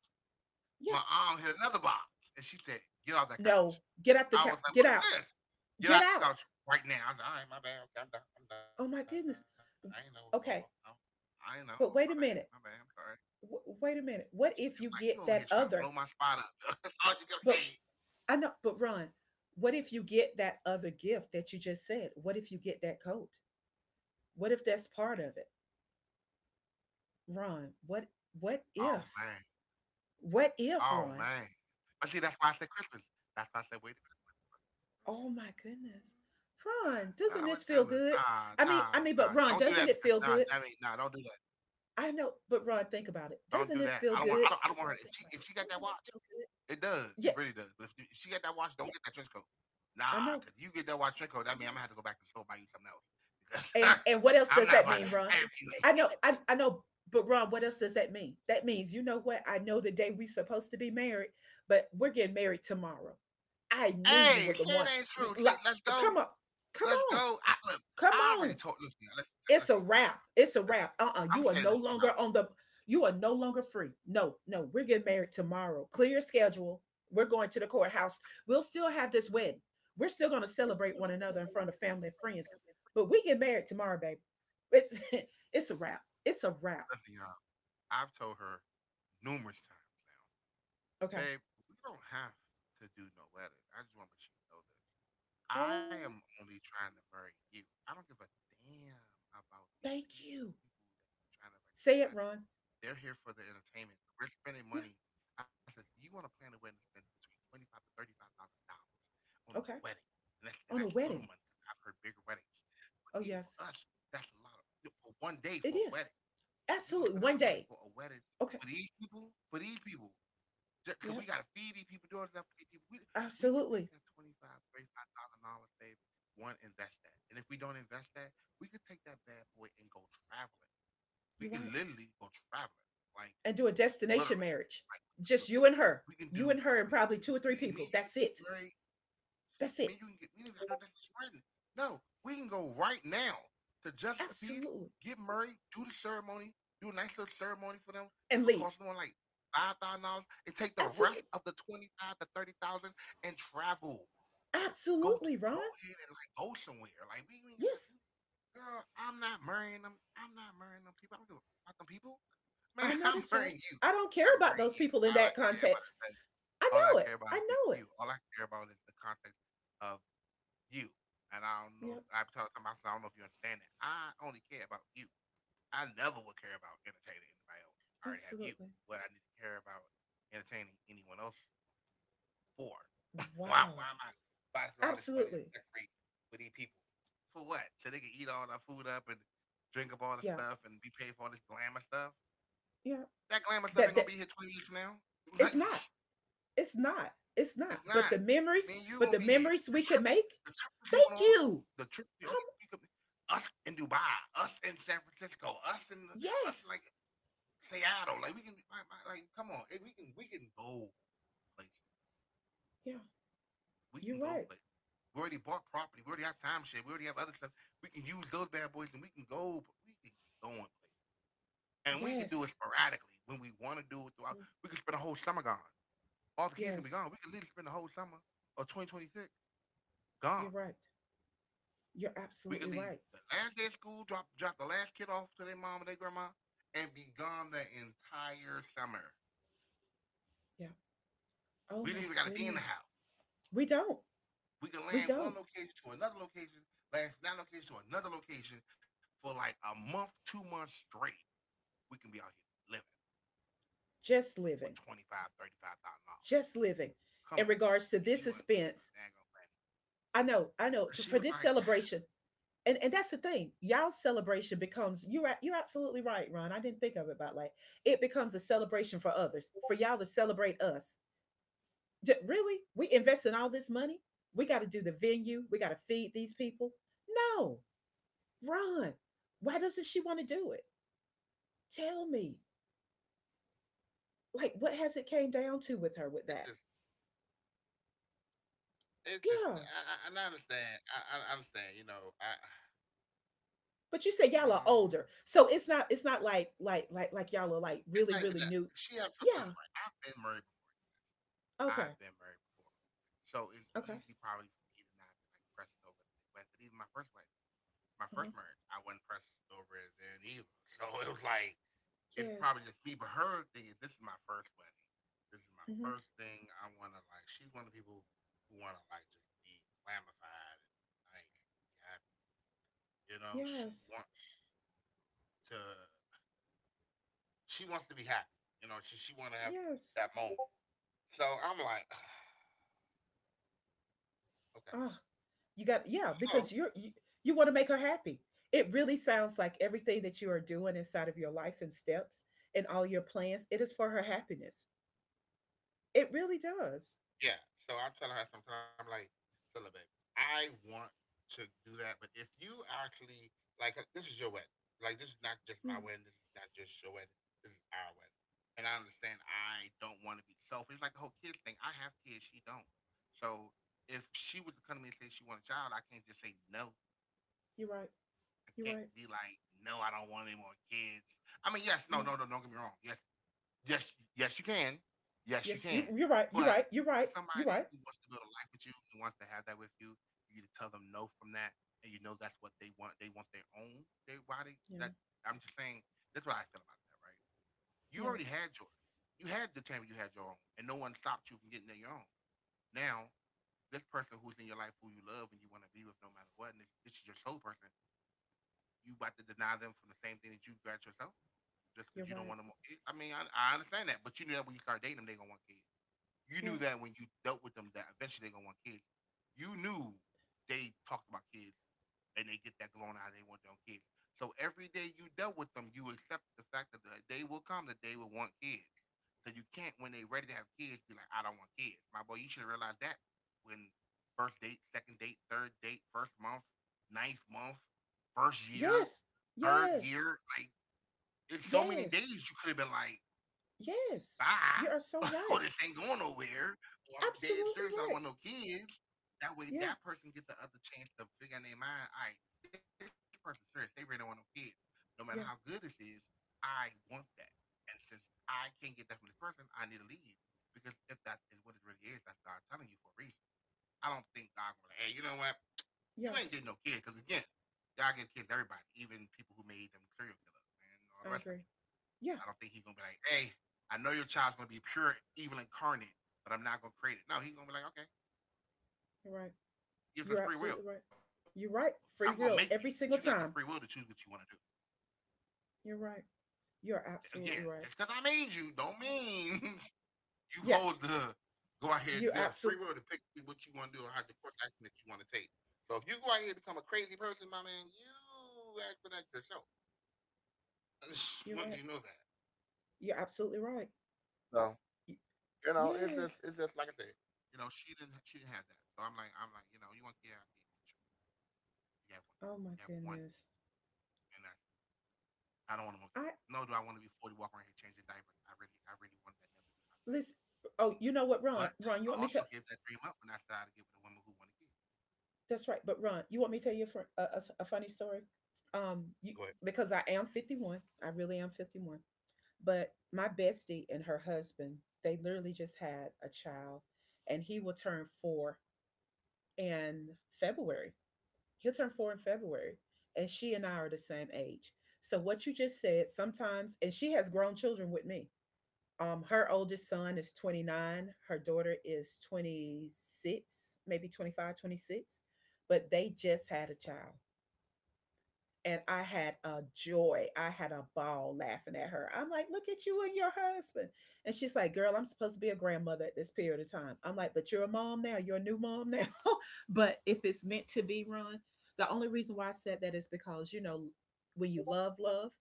[SPEAKER 2] my
[SPEAKER 1] Yes.
[SPEAKER 2] arm hit another box, and she said, get off that couch.
[SPEAKER 1] No,
[SPEAKER 2] I was like,
[SPEAKER 1] get
[SPEAKER 2] "What is
[SPEAKER 1] out,
[SPEAKER 2] this? Get
[SPEAKER 1] get
[SPEAKER 2] out the couch
[SPEAKER 1] out.
[SPEAKER 2] right now!" I was like, "All right, my bad. Okay, I'm done. I'm done.
[SPEAKER 1] Oh
[SPEAKER 2] I
[SPEAKER 1] my
[SPEAKER 2] ain't know what's
[SPEAKER 1] goodness.
[SPEAKER 2] going on. I I
[SPEAKER 1] Okay,
[SPEAKER 2] ain't know. My bad.
[SPEAKER 1] but
[SPEAKER 2] My
[SPEAKER 1] wait a
[SPEAKER 2] bad. I'm
[SPEAKER 1] minute.
[SPEAKER 2] sorry."
[SPEAKER 1] Wait a minute. What
[SPEAKER 2] It's
[SPEAKER 1] if
[SPEAKER 2] like
[SPEAKER 1] you
[SPEAKER 2] you over
[SPEAKER 1] get
[SPEAKER 2] here
[SPEAKER 1] that
[SPEAKER 2] trying to blow
[SPEAKER 1] other?
[SPEAKER 2] my spot up. *laughs* That's all you kept
[SPEAKER 1] But
[SPEAKER 2] saying.
[SPEAKER 1] I know. But, Ron, what if you get that other gift that you just said? What if you get that coat? What if that's part of it, Ron? What. What
[SPEAKER 2] Oh man.
[SPEAKER 1] if? What if,
[SPEAKER 2] Oh
[SPEAKER 1] Ron?
[SPEAKER 2] man. But see, that's why I said Christmas. That's why I said wait. A minute.
[SPEAKER 1] Oh my goodness. Ron, doesn't this
[SPEAKER 2] Nah,
[SPEAKER 1] feel
[SPEAKER 2] wait
[SPEAKER 1] good?
[SPEAKER 2] Christmas.
[SPEAKER 1] I
[SPEAKER 2] Nah,
[SPEAKER 1] mean, I mean, but,
[SPEAKER 2] nah,
[SPEAKER 1] Ron,
[SPEAKER 2] nah.
[SPEAKER 1] doesn't it
[SPEAKER 2] Don't do
[SPEAKER 1] feel
[SPEAKER 2] that
[SPEAKER 1] good?
[SPEAKER 2] because nah, that ain't nah. Don't do that.
[SPEAKER 1] I know, but, Ron, think about it. Doesn't this
[SPEAKER 2] Don't
[SPEAKER 1] feel
[SPEAKER 2] do that.
[SPEAKER 1] good?
[SPEAKER 2] I don't want. I don't. I don't want her. It's if she, like, if she got that watch, so it
[SPEAKER 1] Yeah,
[SPEAKER 2] does. It really does. But if she got that watch, don't yeah, get that trench coat.
[SPEAKER 1] I know.
[SPEAKER 2] Nah, because you get that watch trench coat, that means I'm gonna have to go back to the store and buy you something else.
[SPEAKER 1] And
[SPEAKER 2] Because
[SPEAKER 1] and what else does
[SPEAKER 2] *laughs*
[SPEAKER 1] that mean,
[SPEAKER 2] I'm
[SPEAKER 1] Ron?
[SPEAKER 2] not about to that's
[SPEAKER 1] I know, I
[SPEAKER 2] *laughs*
[SPEAKER 1] know, but, Ron, what else does that mean? That means, you know what? I know the day we are supposed to be married, but we're getting married tomorrow. I knew you were the one.
[SPEAKER 2] hey, say
[SPEAKER 1] L-
[SPEAKER 2] it ain't true.
[SPEAKER 1] Come on,
[SPEAKER 2] Say, let's
[SPEAKER 1] come
[SPEAKER 2] go.
[SPEAKER 1] on,
[SPEAKER 2] Let's
[SPEAKER 1] come
[SPEAKER 2] go.
[SPEAKER 1] on.
[SPEAKER 2] Look, I already told.
[SPEAKER 1] It's a
[SPEAKER 2] Listen, y'all,
[SPEAKER 1] wrap. It's a wrap. Uh-uh. You
[SPEAKER 2] Listen,
[SPEAKER 1] are no longer
[SPEAKER 2] I'm saying this to y'all.
[SPEAKER 1] free. No, no, we're getting married tomorrow. Clear your schedule. We're going to the courthouse. We'll still have this wedding. We're still gonna celebrate one another in
[SPEAKER 2] We're
[SPEAKER 1] front of
[SPEAKER 2] still going to
[SPEAKER 1] family and
[SPEAKER 2] celebrate
[SPEAKER 1] friends.
[SPEAKER 2] one another in
[SPEAKER 1] But
[SPEAKER 2] front
[SPEAKER 1] we
[SPEAKER 2] of
[SPEAKER 1] get
[SPEAKER 2] family
[SPEAKER 1] married
[SPEAKER 2] and friends.
[SPEAKER 1] tomorrow, babe. It's, *laughs* it's a wrap. It's a wrap.
[SPEAKER 2] Listen, y'all. I've told her numerous times now.
[SPEAKER 1] Okay.
[SPEAKER 2] Babe, we don't have to do no wedding. I just want to make sure you know this.
[SPEAKER 1] Oh,
[SPEAKER 2] I am only trying to marry you. I don't give a damn
[SPEAKER 1] thank
[SPEAKER 2] about
[SPEAKER 1] you.
[SPEAKER 2] these people that you're trying to invite to
[SPEAKER 1] Say
[SPEAKER 2] this
[SPEAKER 1] it,
[SPEAKER 2] wedding.
[SPEAKER 1] Ron.
[SPEAKER 2] They're here for the entertainment. We're spending
[SPEAKER 1] Yeah,
[SPEAKER 2] money. I said, you want to plan a wedding to spend between twenty five to thirty five thousand dollars on a
[SPEAKER 1] okay.
[SPEAKER 2] wedding, and that's and
[SPEAKER 1] On a
[SPEAKER 2] that's little
[SPEAKER 1] wedding.
[SPEAKER 2] money because I've heard bigger weddings. But
[SPEAKER 1] Oh,
[SPEAKER 2] even for
[SPEAKER 1] yes.
[SPEAKER 2] us, that's a lot of for 1 day
[SPEAKER 1] It
[SPEAKER 2] for a wedding.
[SPEAKER 1] is.
[SPEAKER 2] You want to
[SPEAKER 1] Absolutely.
[SPEAKER 2] spend all
[SPEAKER 1] One
[SPEAKER 2] that money
[SPEAKER 1] day.
[SPEAKER 2] for a wedding
[SPEAKER 1] Okay.
[SPEAKER 2] for these people? For these people, because
[SPEAKER 1] Yep.
[SPEAKER 2] we got to feed these people, do all this stuff for these people. We could take
[SPEAKER 1] Absolutely.
[SPEAKER 2] that twenty five, thirty five thousand dollars babe, one, invest that. And if we don't invest that, we could take that bad boy and go traveling. We
[SPEAKER 1] You're
[SPEAKER 2] could
[SPEAKER 1] right.
[SPEAKER 2] literally go traveling. Like,
[SPEAKER 1] And do a destination
[SPEAKER 2] literally.
[SPEAKER 1] marriage.
[SPEAKER 2] Like, we can
[SPEAKER 1] Just
[SPEAKER 2] do,
[SPEAKER 1] you and her.
[SPEAKER 2] we can do,
[SPEAKER 1] You and her and
[SPEAKER 2] we can
[SPEAKER 1] probably
[SPEAKER 2] do,
[SPEAKER 1] two or
[SPEAKER 2] we,
[SPEAKER 1] three
[SPEAKER 2] me
[SPEAKER 1] people.
[SPEAKER 2] and you can
[SPEAKER 1] That's
[SPEAKER 2] get
[SPEAKER 1] it.
[SPEAKER 2] married
[SPEAKER 1] That's
[SPEAKER 2] I mean,
[SPEAKER 1] it.
[SPEAKER 2] you can get, we need to do this was written. No, we can go right now to Justice of Peace,
[SPEAKER 1] Absolutely.
[SPEAKER 2] get Murray, do the ceremony, do a nice little ceremony for them
[SPEAKER 1] And
[SPEAKER 2] that's gonna
[SPEAKER 1] leave.
[SPEAKER 2] cost them like $5,000, and take the rest
[SPEAKER 1] Absolutely.
[SPEAKER 2] of the twenty five to thirty thousand and travel. Go
[SPEAKER 1] Absolutely, Ron.
[SPEAKER 2] go ahead and like go somewhere. Like we ain't gotta
[SPEAKER 1] Yes.
[SPEAKER 2] do. It. Girl, I'm not marrying them. I'm not marrying them people. I don't give a fuck about them people. *laughs* Man,
[SPEAKER 1] I know
[SPEAKER 2] I'm
[SPEAKER 1] that's right.
[SPEAKER 2] marrying you.
[SPEAKER 1] I don't care
[SPEAKER 2] I'm
[SPEAKER 1] about
[SPEAKER 2] marrying
[SPEAKER 1] those
[SPEAKER 2] you.
[SPEAKER 1] people in
[SPEAKER 2] All I
[SPEAKER 1] that
[SPEAKER 2] care about
[SPEAKER 1] context.
[SPEAKER 2] is that.
[SPEAKER 1] I
[SPEAKER 2] All I
[SPEAKER 1] know it.
[SPEAKER 2] care
[SPEAKER 1] I
[SPEAKER 2] about is
[SPEAKER 1] know
[SPEAKER 2] you.
[SPEAKER 1] it.
[SPEAKER 2] All I care about is the context of you. And I don't know
[SPEAKER 1] Yeah,
[SPEAKER 2] if I tell somebody, I don't know if you understand that. I only care about you. I never would care about entertaining anybody else. I already have you.
[SPEAKER 1] absolutely.
[SPEAKER 2] What I need to care about entertaining anyone else for? Why?
[SPEAKER 1] Wow.
[SPEAKER 2] Why am I buying all this money to
[SPEAKER 1] Absolutely.
[SPEAKER 2] decorate for these people? For what? So they can eat all the food up and drink up all the
[SPEAKER 1] Yeah.
[SPEAKER 2] stuff and be paid for all this glamour stuff.
[SPEAKER 1] Yeah.
[SPEAKER 2] That glamour stuff
[SPEAKER 1] That
[SPEAKER 2] ain't gonna
[SPEAKER 1] that
[SPEAKER 2] be here 20 years from now. *laughs* Like,
[SPEAKER 1] it's not. It's not.
[SPEAKER 2] it's
[SPEAKER 1] It's
[SPEAKER 2] not.
[SPEAKER 1] not.
[SPEAKER 2] Me and you gonna be
[SPEAKER 1] But
[SPEAKER 2] here.
[SPEAKER 1] the
[SPEAKER 2] The
[SPEAKER 1] memories
[SPEAKER 2] trip,
[SPEAKER 1] we can
[SPEAKER 2] the
[SPEAKER 1] make.
[SPEAKER 2] trip we could have went on.
[SPEAKER 1] Thank
[SPEAKER 2] The
[SPEAKER 1] you.
[SPEAKER 2] trip we only
[SPEAKER 1] Come.
[SPEAKER 2] we could, us in Dubai, us in San Francisco, us in us like
[SPEAKER 1] Yes.
[SPEAKER 2] Seattle. Like we can like come on, eh, we can go places.
[SPEAKER 1] Yeah.
[SPEAKER 2] We
[SPEAKER 1] You're
[SPEAKER 2] can go
[SPEAKER 1] right.
[SPEAKER 2] places. We already bought property. We already have time share. We already have other stuff. We can use those bad boys, and we can go. We can be going places, and we can do it
[SPEAKER 1] Yes.
[SPEAKER 2] sporadically when we want to do it throughout.
[SPEAKER 1] Mhm.
[SPEAKER 2] We can spend a whole summer gone. All the kids can be
[SPEAKER 1] Yes.
[SPEAKER 2] gone. We can literally spend the whole summer of 2026 gone.
[SPEAKER 1] You're right. You're
[SPEAKER 2] We could
[SPEAKER 1] absolutely
[SPEAKER 2] leave
[SPEAKER 1] right.
[SPEAKER 2] the last day of school, drop the last kid off to their mom and their grandma, and be gone the entire summer.
[SPEAKER 1] Yeah.
[SPEAKER 2] We
[SPEAKER 1] Oh
[SPEAKER 2] didn't
[SPEAKER 1] my
[SPEAKER 2] even gotta be in the
[SPEAKER 1] goodness.
[SPEAKER 2] house.
[SPEAKER 1] We don't.
[SPEAKER 2] We could
[SPEAKER 1] We
[SPEAKER 2] land one
[SPEAKER 1] don't.
[SPEAKER 2] location to another location, land from that location to another location for like a month, 2 months straight. We can be out here living with twenty five, thirty five
[SPEAKER 1] Just
[SPEAKER 2] thousand
[SPEAKER 1] living.
[SPEAKER 2] dollars. Come on now,
[SPEAKER 1] Just
[SPEAKER 2] and you
[SPEAKER 1] living.
[SPEAKER 2] want to do this on
[SPEAKER 1] In
[SPEAKER 2] a
[SPEAKER 1] regards
[SPEAKER 2] daggone
[SPEAKER 1] to
[SPEAKER 2] planet?
[SPEAKER 1] this suspense,
[SPEAKER 2] And she was like,
[SPEAKER 1] I
[SPEAKER 2] *sighs*
[SPEAKER 1] know. I know. For this celebration, and that's the thing. Y'all's celebration becomes. You're absolutely right, Ron. I didn't think of it about, like, it becomes a celebration for others. For y'all to celebrate us. Really? We invest in all this money. We got to do the venue. We got to feed these people. No. Ron, why doesn't she want to do it? Tell me. Like, what has it came
[SPEAKER 2] it's
[SPEAKER 1] down
[SPEAKER 2] just,
[SPEAKER 1] to with her with that?
[SPEAKER 2] it's just. And I
[SPEAKER 1] Yeah.
[SPEAKER 2] understand. I understand. You know, I.
[SPEAKER 1] But you said
[SPEAKER 2] Mm,
[SPEAKER 1] y'all are older. So it's not
[SPEAKER 2] it's
[SPEAKER 1] y'all are
[SPEAKER 2] not even
[SPEAKER 1] like
[SPEAKER 2] that.
[SPEAKER 1] really,
[SPEAKER 2] She
[SPEAKER 1] really
[SPEAKER 2] has
[SPEAKER 1] new.
[SPEAKER 2] substance right. I've
[SPEAKER 1] Yeah.
[SPEAKER 2] been married before. I've been
[SPEAKER 1] Okay.
[SPEAKER 2] married before. So it's easy
[SPEAKER 1] Okay.
[SPEAKER 2] probably for me to not be like pressed over the big wedding. But even my first wedding, my first
[SPEAKER 1] Uh-huh.
[SPEAKER 2] marriage, I wasn't pressed over it then either. *laughs* So it was like it's probably
[SPEAKER 1] Yes.
[SPEAKER 2] just me. But her thing is, this is my first wedding. This is my first
[SPEAKER 1] Mm-hmm.
[SPEAKER 2] thing. I wanna, like, she's one of the people who wanna, like, just be glamified and be nice and be happy. You know,
[SPEAKER 1] Yes.
[SPEAKER 2] to she wants to be happy. You know, she wanna have
[SPEAKER 1] Yes.
[SPEAKER 2] that moment. So I'm like, *sighs* okay.
[SPEAKER 1] Oh, you got, yeah,
[SPEAKER 2] So
[SPEAKER 1] because you want to make her happy. It really sounds like everything that you are doing inside of your life and steps and all your plans, it is for her happiness. It really does.
[SPEAKER 2] yeah. So I'm telling her something. I'm like, so look, babe, I want to do that, but if you actually, like, this is your wedding. Like, this is not just my
[SPEAKER 1] Yeah,
[SPEAKER 2] wedding. This is not just your wedding. This is our wedding. And I understand, I don't want to be selfish. Like the whole kids thing. I have kids. She don't. So if she was to come to me and say she want a child, I can't just say no.
[SPEAKER 1] you're right.
[SPEAKER 2] I
[SPEAKER 1] You're
[SPEAKER 2] can't
[SPEAKER 1] right.
[SPEAKER 2] be like, no, I don't want any more kids. I mean, yes, no,
[SPEAKER 1] Yeah.
[SPEAKER 2] no, no, don't get me wrong. Yes, yes, yes, you can. Yes, you can.
[SPEAKER 1] Yes, you're
[SPEAKER 2] But
[SPEAKER 1] right. You're
[SPEAKER 2] for
[SPEAKER 1] right. You're
[SPEAKER 2] somebody
[SPEAKER 1] right.
[SPEAKER 2] who
[SPEAKER 1] You're
[SPEAKER 2] wants
[SPEAKER 1] right.
[SPEAKER 2] to build a life with you, who wants to have that with you, for you to tell them no from that, and you know that's what they want. They want their own. They why they
[SPEAKER 1] Yeah.
[SPEAKER 2] that. I'm just saying. That's what I feel about that. Right? You
[SPEAKER 1] Yeah.
[SPEAKER 2] already had yours. You had the time, you had your own, and no one stopped you from getting your own. Now, this person who's in your life, who you love and you want to be with, no matter what, and this is your soul person, you about to deny them from the same thing that you got yourself, just because
[SPEAKER 1] You're
[SPEAKER 2] you don't
[SPEAKER 1] right.
[SPEAKER 2] want them more kids. I mean, I understand that, but you knew that when you start dating them, they gonna want kids. You
[SPEAKER 1] Yeah.
[SPEAKER 2] knew that when you dealt with them that eventually they gonna want kids. You knew they talked about kids and they get that glowing eye, they want their own kids. So every day you dealt with them, you accepted the fact that the day will come that they will want kids. So you can't, when they are ready to have kids, be like, I don't want kids. My boy, you should have realized that when first date, second date, third date, first month, ninth month, first year,
[SPEAKER 1] Yes.
[SPEAKER 2] third
[SPEAKER 1] Yes.
[SPEAKER 2] year, like it's so many
[SPEAKER 1] Yes.
[SPEAKER 2] days you could have been like,
[SPEAKER 1] Yes. You
[SPEAKER 2] bye,
[SPEAKER 1] are so
[SPEAKER 2] *laughs* or
[SPEAKER 1] right.
[SPEAKER 2] this ain't going nowhere, or I'm dead
[SPEAKER 1] Absolutely
[SPEAKER 2] serious, I don't
[SPEAKER 1] right.
[SPEAKER 2] want no kids. That way,
[SPEAKER 1] Yeah.
[SPEAKER 2] that person get the other chance to figure out in their mind, all right, this person's serious, they really don't want no kids. No matter how good
[SPEAKER 1] Yeah.
[SPEAKER 2] this is, I want that. And since I can't get that from this person, I need to leave. Because if that is what it really is, that's God telling you for a reason. I don't think God will be like, hey, you know what? You
[SPEAKER 1] Yeah.
[SPEAKER 2] ain't getting no kids. Because again, God gives kids to everybody, even people who made them serial killers
[SPEAKER 1] I
[SPEAKER 2] and all the
[SPEAKER 1] agree.
[SPEAKER 2] rest of it.
[SPEAKER 1] Yeah.
[SPEAKER 2] I don't think he's gonna be like, hey, I know your child's gonna be pure evil incarnate, but I'm not gonna create it. No, he's gonna be like, okay,
[SPEAKER 1] You're right. You're absolutely
[SPEAKER 2] give us
[SPEAKER 1] right.
[SPEAKER 2] free will. I'm
[SPEAKER 1] You're
[SPEAKER 2] gonna
[SPEAKER 1] right.
[SPEAKER 2] make you,
[SPEAKER 1] Free
[SPEAKER 2] but you
[SPEAKER 1] will
[SPEAKER 2] got the
[SPEAKER 1] every
[SPEAKER 2] free will
[SPEAKER 1] single
[SPEAKER 2] to choose what
[SPEAKER 1] time.
[SPEAKER 2] you want to do.
[SPEAKER 1] You're right.
[SPEAKER 2] Again,
[SPEAKER 1] You're
[SPEAKER 2] just because
[SPEAKER 1] absolutely
[SPEAKER 2] I
[SPEAKER 1] right.
[SPEAKER 2] made you, don't mean *laughs* you hold
[SPEAKER 1] Yeah.
[SPEAKER 2] the go ahead. You have
[SPEAKER 1] You
[SPEAKER 2] free will to
[SPEAKER 1] absolutely
[SPEAKER 2] pick what you want to do or how the course of action that you want to take. So if you go out here and become a crazy person, my man, you ask for that yourself. *laughs* I just
[SPEAKER 1] You're
[SPEAKER 2] want you
[SPEAKER 1] right.
[SPEAKER 2] to know that.
[SPEAKER 1] You're absolutely right.
[SPEAKER 2] So
[SPEAKER 1] Y-
[SPEAKER 2] you know, it's just
[SPEAKER 1] yes.
[SPEAKER 2] it's just like I said. You know, she didn't have that. So I'm like, you know, you want to get out here. We got one kid.
[SPEAKER 1] Oh my
[SPEAKER 2] We got one
[SPEAKER 1] goodness.
[SPEAKER 2] kid. And I don't want no
[SPEAKER 1] I
[SPEAKER 2] more kids. No, do I want to be 40 walking around here changing diapers? I really wanted that never to be
[SPEAKER 1] Listen.
[SPEAKER 2] my thing.
[SPEAKER 1] Oh, you know what, Ron? Ron, you
[SPEAKER 2] But
[SPEAKER 1] want me to.
[SPEAKER 2] I also gave that dream up when I started to get with a woman who wanted kids.
[SPEAKER 1] That's right. But, Ron, you want me to tell you a, fr- a s- a funny story? You Because
[SPEAKER 2] But
[SPEAKER 1] I am 51. I really am 51. But my bestie and her husband, they literally just had a child, and he will turn 4 in February. He'll turn 4 in February, and she and I are the same age. So what you just said, sometimes, and she has grown children with me. Her oldest son is 29. Her daughter is 26, maybe 25, 26. But they just had a child. And I had a joy. I had a ball laughing at her. I'm like, look at you and your husband. And she's like, girl, I'm supposed to be a grandmother at this period of time. I'm like, but you're a mom now. You're a new mom now. *laughs* But if it's meant to be, Ron, the only reason why I said that is because, you know, when you love, love,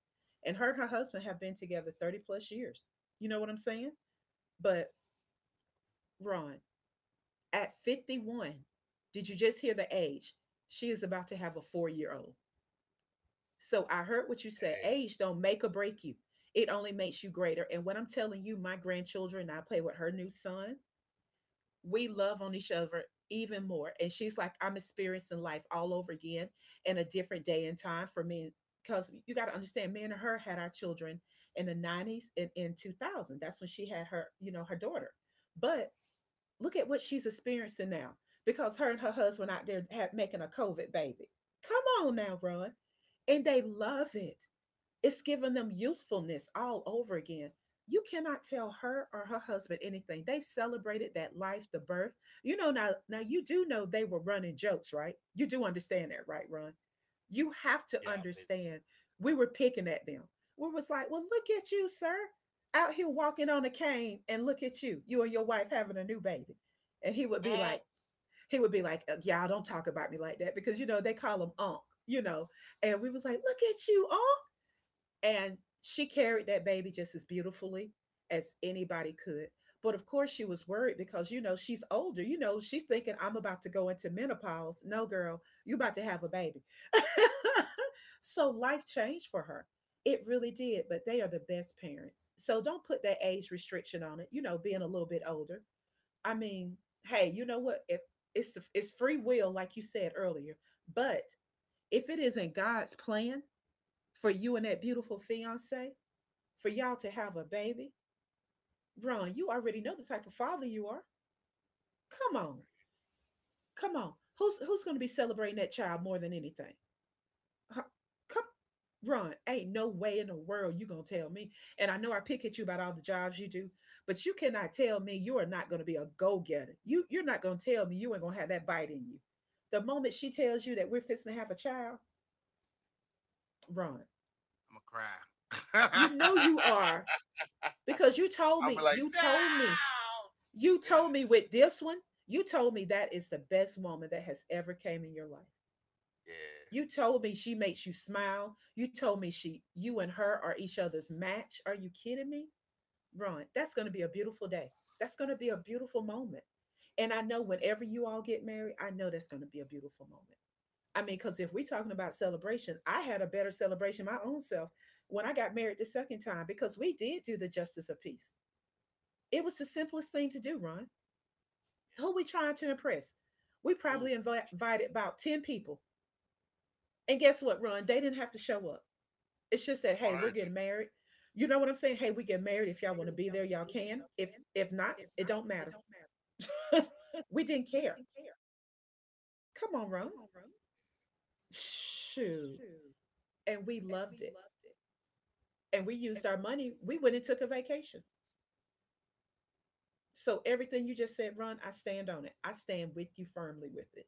[SPEAKER 1] and her husband have been together 30 plus years. You know what I'm saying? But Ron, at 51, did you just hear the age? She is about to have a four-year-old. So I heard what you said.
[SPEAKER 2] hey,
[SPEAKER 1] Age don't make or break you. It only makes you greater. And what I'm telling you, my grandchildren, I play with her new son. We love on each other even more. And she's like, I'm experiencing life all over again in a different day and time for me. Because you got to understand, me and her had our children in the 90s and in 2000. That's when she had her, you know, her daughter. But look at what she's experiencing now because her and her husband out there have, making a COVID baby. Come on
[SPEAKER 2] hmm
[SPEAKER 1] now, Ron. And they love it. It's giving them youthfulness all over again. You cannot tell her or her husband anything. They celebrated that life, the birth. You know, now you do know they were running jokes, right? You do understand that, right, Ron? You have
[SPEAKER 2] yeah, I
[SPEAKER 1] to
[SPEAKER 2] believe. It.
[SPEAKER 1] understand we were picking at them. We was like, well, look at you, sir. Out here walking on a cane and look at you. You and your wife having a new baby. And
[SPEAKER 2] I'm
[SPEAKER 1] he would be like, Y'all don't talk about me like that," because you know they call him Unc, you know. And we was like, look at you, Unc. And she carried that baby just as beautifully as anybody could. But of course, she was worried because, you know, she's older. You know, she's thinking, I'm about to go into menopause. No, girl, you're about to have a baby. *laughs* So life changed for her. It really did. But they are the best parents. So don't put that age restriction on it, you know, being a little bit older. I mean, hey, you know what? If it's free will, like you said earlier. But if it isn't God's plan for you and that beautiful fiance, for y'all to have a baby? Ron, you already know the type of father you are. Come on. Come on. Who's going to be celebrating that child more than anything? Huh? Come, Ron, ain't no way in the world you going to tell me. And I know I pick at you about all the jobs you do, but you cannot tell me you are not going to be a go-getter. You're not going to tell me you ain't going to have that bite in you. The moment she tells you that we're fixing to have a child, Ron,
[SPEAKER 2] gonna cry.
[SPEAKER 1] you know you
[SPEAKER 2] *laughs*
[SPEAKER 1] are because
[SPEAKER 2] I'm like,
[SPEAKER 1] you
[SPEAKER 2] no.
[SPEAKER 1] told me, you told me with this one, you told me that is the best woman that has ever came in your life.
[SPEAKER 2] Yeah,
[SPEAKER 1] You told me she makes you smile. You told me she you and her are each other's match. Are you kidding me? Run. That's going to be a beautiful day. That's going to be a beautiful moment. And I know whenever you all get married, I know that's going to be a beautiful moment. I mean, because if we're talking about celebration, I had a better celebration my own self when I got married the second time because we did do the justice of peace. It was the simplest thing to do, Ron. Who we
[SPEAKER 2] yeah.
[SPEAKER 1] trying to impress? We probably
[SPEAKER 2] Who
[SPEAKER 1] invited about 10 people. And guess what, Ron? They didn't have to show up. It's just that, hey,
[SPEAKER 2] on
[SPEAKER 1] we're
[SPEAKER 2] earth?
[SPEAKER 1] getting married. You know what I'm saying? Hey, we get married. If y'all want to
[SPEAKER 2] Maybe if
[SPEAKER 1] be
[SPEAKER 2] y'all
[SPEAKER 1] there,
[SPEAKER 2] want to
[SPEAKER 1] y'all
[SPEAKER 2] be there,
[SPEAKER 1] can.
[SPEAKER 2] y'all
[SPEAKER 1] If
[SPEAKER 2] can.
[SPEAKER 1] not,
[SPEAKER 2] If
[SPEAKER 1] it
[SPEAKER 2] not,
[SPEAKER 1] don't
[SPEAKER 2] it
[SPEAKER 1] matter.
[SPEAKER 2] don't matter.
[SPEAKER 1] *laughs* We didn't
[SPEAKER 2] We
[SPEAKER 1] care.
[SPEAKER 2] didn't care.
[SPEAKER 1] Come on, Ron.
[SPEAKER 2] Come on, Rome.
[SPEAKER 1] Shoot.
[SPEAKER 2] Shoot.
[SPEAKER 1] And we
[SPEAKER 2] And
[SPEAKER 1] loved
[SPEAKER 2] we
[SPEAKER 1] it.
[SPEAKER 2] loved it.
[SPEAKER 1] And we used
[SPEAKER 2] And
[SPEAKER 1] our money. We went and took a vacation. So everything you just said, Ron, I stand on it. I stand with you firmly with it.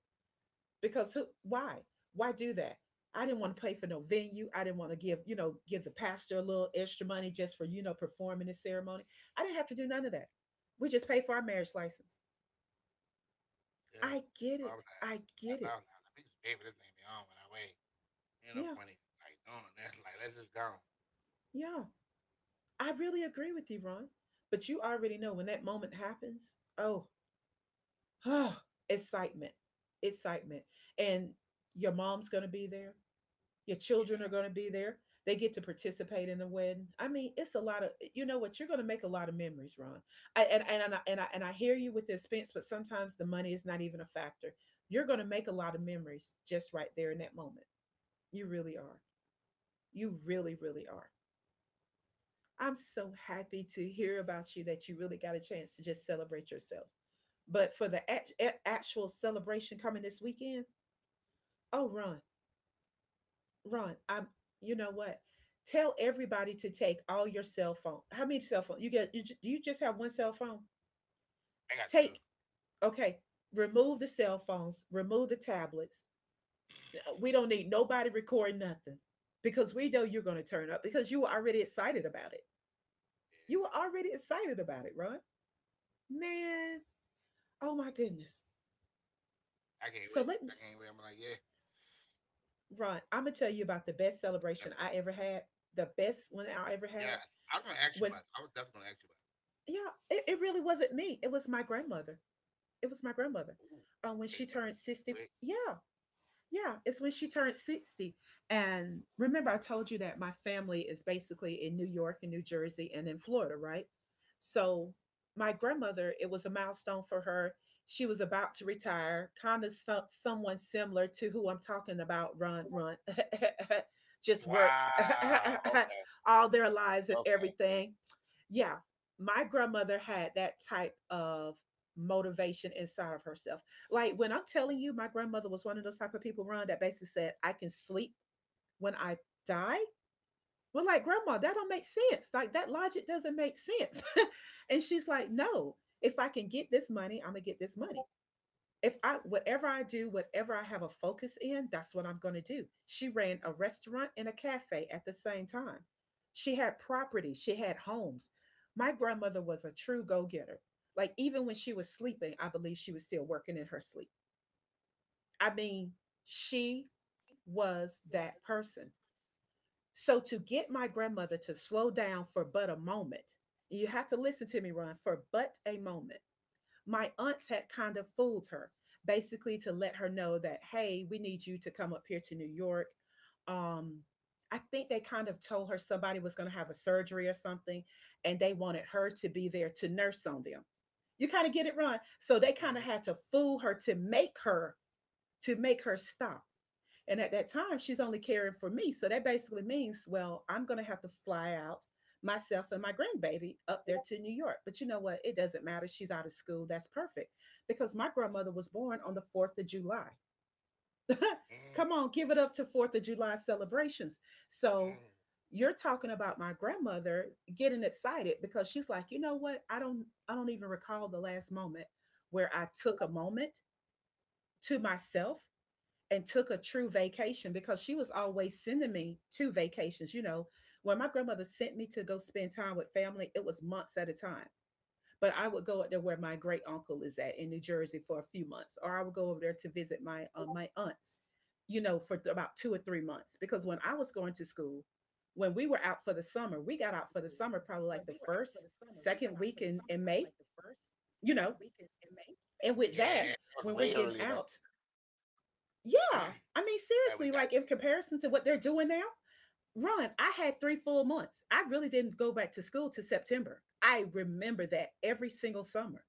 [SPEAKER 1] Because who, why do that? I didn't want to pay for no venue. I didn't want to give, you know, give the pastor a little extra money just for, you know, performing this ceremony. I didn't have to do none of that. We just paid for our marriage license.
[SPEAKER 2] yeah.
[SPEAKER 1] i get
[SPEAKER 2] So I
[SPEAKER 1] it
[SPEAKER 2] was like,
[SPEAKER 1] i
[SPEAKER 2] I
[SPEAKER 1] get it
[SPEAKER 2] thought, I was like, we just pay for this thing beyond when I wait. Ain't no
[SPEAKER 1] Yeah.
[SPEAKER 2] point in like doing that. *laughs* Like, let's just go.
[SPEAKER 1] Yeah. I really agree with you, Ron. But you already know when that moment happens, oh, *sighs* oh, excitement, excitement. And your mom's going to be there. Your children are
[SPEAKER 2] Yeah.
[SPEAKER 1] going to be there. They get to participate in the wedding. I mean, it's a lot of, you know what, you're going to make a lot of memories, Ron. I, and I, and I and I hear you with the expense, but sometimes the money is not even a factor. You're going to make a lot of memories just right there in that moment. You really are. You really, really are. I'm so happy to hear about you that you really got a chance to just celebrate yourself. But for the actual celebration coming this weekend, oh, Ron. Ron, I You know what? Tell everybody to take all your cell phone. How many cell phones? You get you ju- Do you just have one cell phone?
[SPEAKER 2] I got two.
[SPEAKER 1] Take, okay, remove the cell phones, remove the tablets. We don't need nobody recording nothing because we know you're going to turn up because you were already excited about it. You were
[SPEAKER 2] Yeah.
[SPEAKER 1] already excited about it, Ron. Man, oh my goodness.
[SPEAKER 2] I can't wait.
[SPEAKER 1] So
[SPEAKER 2] I'm
[SPEAKER 1] let
[SPEAKER 2] like,
[SPEAKER 1] me,
[SPEAKER 2] yeah.
[SPEAKER 1] Ron, I'm going to tell you about the
[SPEAKER 2] def-
[SPEAKER 1] best celebration I ever had, the best one
[SPEAKER 2] Yeah.
[SPEAKER 1] I ever
[SPEAKER 2] I'm
[SPEAKER 1] had.
[SPEAKER 2] going to ask you about it. I was
[SPEAKER 1] when
[SPEAKER 2] definitely going to ask you about it.
[SPEAKER 1] yeah, it, it really wasn't me. It was my grandmother. It was my
[SPEAKER 2] Like, ooh.
[SPEAKER 1] grandmother.
[SPEAKER 2] Okay.
[SPEAKER 1] When
[SPEAKER 2] Tell
[SPEAKER 1] she
[SPEAKER 2] me.
[SPEAKER 1] turned
[SPEAKER 2] Give me it.
[SPEAKER 1] 60, yeah, yeah, it's when she turned 60. And remember, I told you that my family is basically in New York and New Jersey and in Florida, right?
[SPEAKER 2] Mhm.
[SPEAKER 1] So, my grandmother, it was a milestone for her. She was about to retire, kind of, someone similar to who I'm talking about, run, run, *laughs* just worked
[SPEAKER 2] Wow.
[SPEAKER 1] *laughs*
[SPEAKER 2] Okay.
[SPEAKER 1] all their lives and
[SPEAKER 2] Okay.
[SPEAKER 1] everything. Yeah, my grandmother had that type of motivation inside of herself. Like, when I'm telling you, my grandmother was one of those type of people, Ron, that basically said, I can sleep when I die. Well, like, Grandma, that don't make sense. Like, that logic doesn't make sense. *laughs* And she's like, no, if I can get this money, I'm gonna get this money. If I, whatever I do, whatever I have a focus in, that's what I'm gonna do. She ran a restaurant and a cafe at the same time. She had property, she had homes. My grandmother was a true go-getter. Like, even when she was sleeping, I believe she was still working in her sleep. I mean, she was
[SPEAKER 2] was
[SPEAKER 1] that person. So to get my grandmother to slow down for but a moment, you have to listen to me, Ron, for but a moment. My aunts had kind of fooled her, basically to let her know that, hey, we need you to come up here to New York. Um, I think they kind of told her somebody was going to have a surgery or something, and they wanted her to be there to nurse on them. You kind of get it, Ron. So they kind of had to fool her to make her to make her stop. And at that time, she's only caring for me. So that basically means, well, I'm going to have to fly out myself and my grandbaby up there to New York. But you know what? It doesn't matter. She's out of school. That's perfect because my grandmother was born on the 4th of July.
[SPEAKER 2] mm
[SPEAKER 1] Come on, give it up to 4th of July celebrations.
[SPEAKER 2] mm
[SPEAKER 1] So you're talking about my grandmother getting excited because she's like, "You know what? I don't even recall the last moment where I took a moment to myself and took a true vacation," because she was always sending me to vacations. You know, when my grandmother sent me to go spend time with family, it was months at a time. But I would go up there where my great uncle is at in New Jersey for a few months, or I would go over there to visit my my aunts, you know, for about two or three months. Because when I was going to school, when we were
[SPEAKER 2] going
[SPEAKER 1] out
[SPEAKER 2] to
[SPEAKER 1] for the
[SPEAKER 2] school.
[SPEAKER 1] summer, we got
[SPEAKER 2] When
[SPEAKER 1] out for
[SPEAKER 2] we
[SPEAKER 1] the
[SPEAKER 2] were out
[SPEAKER 1] summer
[SPEAKER 2] for the
[SPEAKER 1] probably like
[SPEAKER 2] summer,
[SPEAKER 1] the
[SPEAKER 2] we got out
[SPEAKER 1] first,
[SPEAKER 2] for the summer probably
[SPEAKER 1] second
[SPEAKER 2] like
[SPEAKER 1] week
[SPEAKER 2] the
[SPEAKER 1] in,
[SPEAKER 2] first,
[SPEAKER 1] in May,
[SPEAKER 2] second week in,
[SPEAKER 1] you know.
[SPEAKER 2] May. Yeah.
[SPEAKER 1] And with
[SPEAKER 2] That was way
[SPEAKER 1] that,
[SPEAKER 2] earlier back.
[SPEAKER 1] when we're getting out, yeah.
[SPEAKER 2] Now
[SPEAKER 1] I
[SPEAKER 2] we
[SPEAKER 1] mean,
[SPEAKER 2] got two.
[SPEAKER 1] seriously, like in comparison to what they're doing now, run, I had three full months. I really didn't go back to school to September. I remember that every single summer.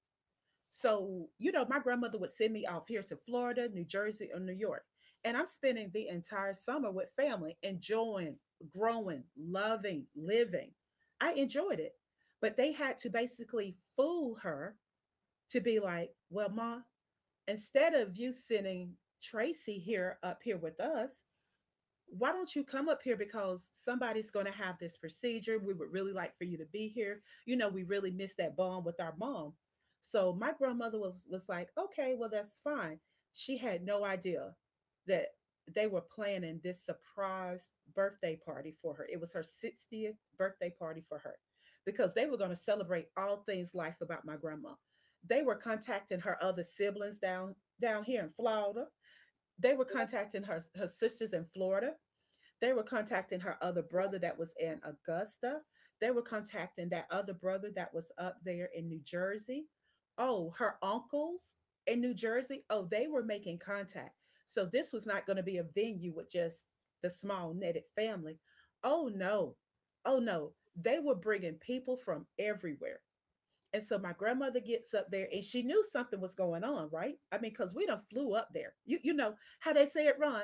[SPEAKER 1] So, you know, my grandmother would send me off here to Florida, New Jersey, or New York. And I'm spending the entire summer with family, enjoying, growing, loving, living. I enjoyed it. But they had to basically fool her to be like, well, Ma, instead of you sending Tracy here up here with us, why don't you come up here because somebody's going to have this procedure, we would really like for you to be here, you know, we really miss that bond with our mom. So my grandmother was like, okay, well, that's fine. She had no idea that they were planning this surprise birthday party for her. It was her 60th birthday party for her, because they were going to celebrate all things life about my grandma. They were contacting her other siblings down here in Florida. They were contacting her sisters in Florida. They were contacting her other brother that was in Augusta. They were contacting that other brother that was up there in New Jersey. Oh, her uncles in New Jersey. Oh, they were making contact. So this was not going to be a venue with just the small knitted family. Oh, no. Oh, no. They were bringing people from everywhere, and so my grandmother gets up there and she knew something was going on, right? I mean, because we done flew up there. You know how they say it, Ron?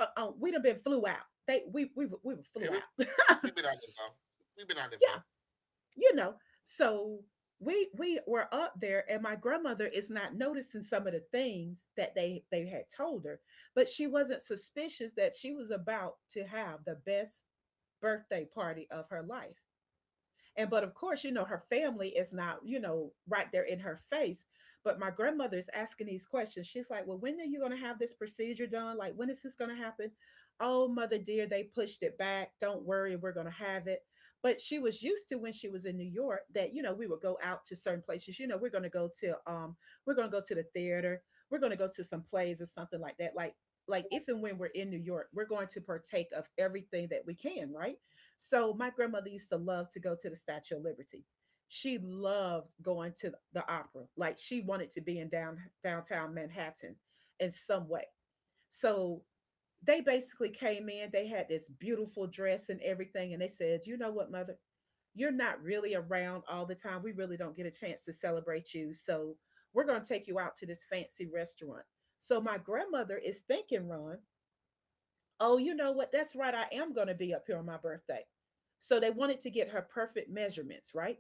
[SPEAKER 1] We done been flew out. They we were
[SPEAKER 2] Yeah,
[SPEAKER 1] flew
[SPEAKER 2] we,
[SPEAKER 1] out. *laughs*
[SPEAKER 2] we've been out there, bro. We've been out there, bro.
[SPEAKER 1] Yeah, you know. So we were up there, and my grandmother is not noticing some of the things that they had told her, but she wasn't suspicious that she was about to have the best birthday party of her life. And but of course, you know, her family is not, you know, right there in her face. But my grandmother is asking these questions. She's like, well, when are you going to have this procedure done? Like, when is this going to happen? Oh, mother dear, they pushed it back. Don't worry, we're going to have it. But she was used to when she was in New York that, you know, we would go out to certain places. You know, we're going to go to, we're going to go to the theater. We're going to go to some plays or something like that. Like if and when we're in New York, we're going to partake of everything that we can, right? So my grandmother used to love to go to the Statue of Liberty. She loved going to the opera. Like she wanted to be in down downtown Manhattan in some way. So they basically came in, they had this beautiful dress and everything, and they said, you know what, mother? You're not really around all the time. We really don't get a chance to celebrate you. So we're gonna take you out to this fancy restaurant. So my grandmother is thinking, Ron, oh, you know what? That's right. I am going to be up here on my birthday. So they wanted to get her perfect measurements, right?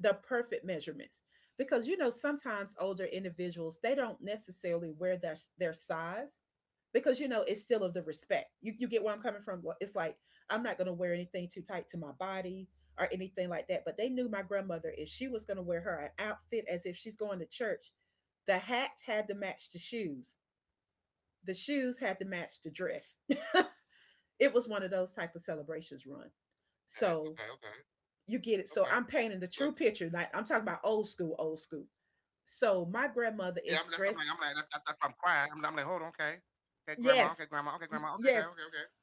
[SPEAKER 1] The perfect measurements. Because you know, sometimes older individuals, they don't necessarily wear their size, because you know it's still of the respect. You get where I'm coming from. It's like I'm not gonna wear anything too tight to my body or anything like that. But they knew my grandmother, if she was gonna wear her an outfit as if she's going to church, the hat had to match the shoes. The shoes had to match the dress. It was one of those type of celebrations, run.
[SPEAKER 2] Okay, okay, okay,
[SPEAKER 1] So
[SPEAKER 2] okay.
[SPEAKER 1] you get it. So
[SPEAKER 2] You
[SPEAKER 1] I'm
[SPEAKER 2] listening?
[SPEAKER 1] painting the true picture. Like I'm talking about old school, old school. So my
[SPEAKER 2] That's, I'm
[SPEAKER 1] grandmother
[SPEAKER 2] like,
[SPEAKER 1] is dressed.
[SPEAKER 2] that's I'm crying. I'm like, hold on, okay, okay, grandma, okay, grandma, okay,
[SPEAKER 1] Yes,
[SPEAKER 2] grandma, okay, okay, okay, okay.
[SPEAKER 1] yes.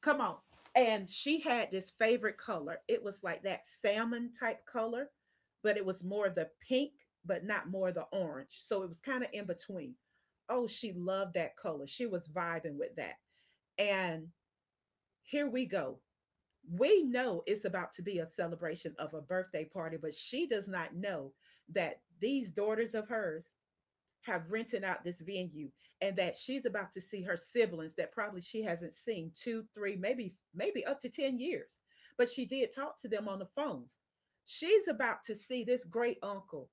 [SPEAKER 1] Come on. And she had this favorite color. It was like that salmon type color, but it was more the pink, but not more the orange. So it was kind of in between. Oh, she loved that color. She was vibing with that. And here we go. We know it's about to be a celebration of a birthday party, but she does not know that these daughters of hers have rented out this venue and that she's about to see her siblings that probably she hasn't seen two, three, maybe, maybe up to 10 years. But she did talk to them on the phones. She's about to see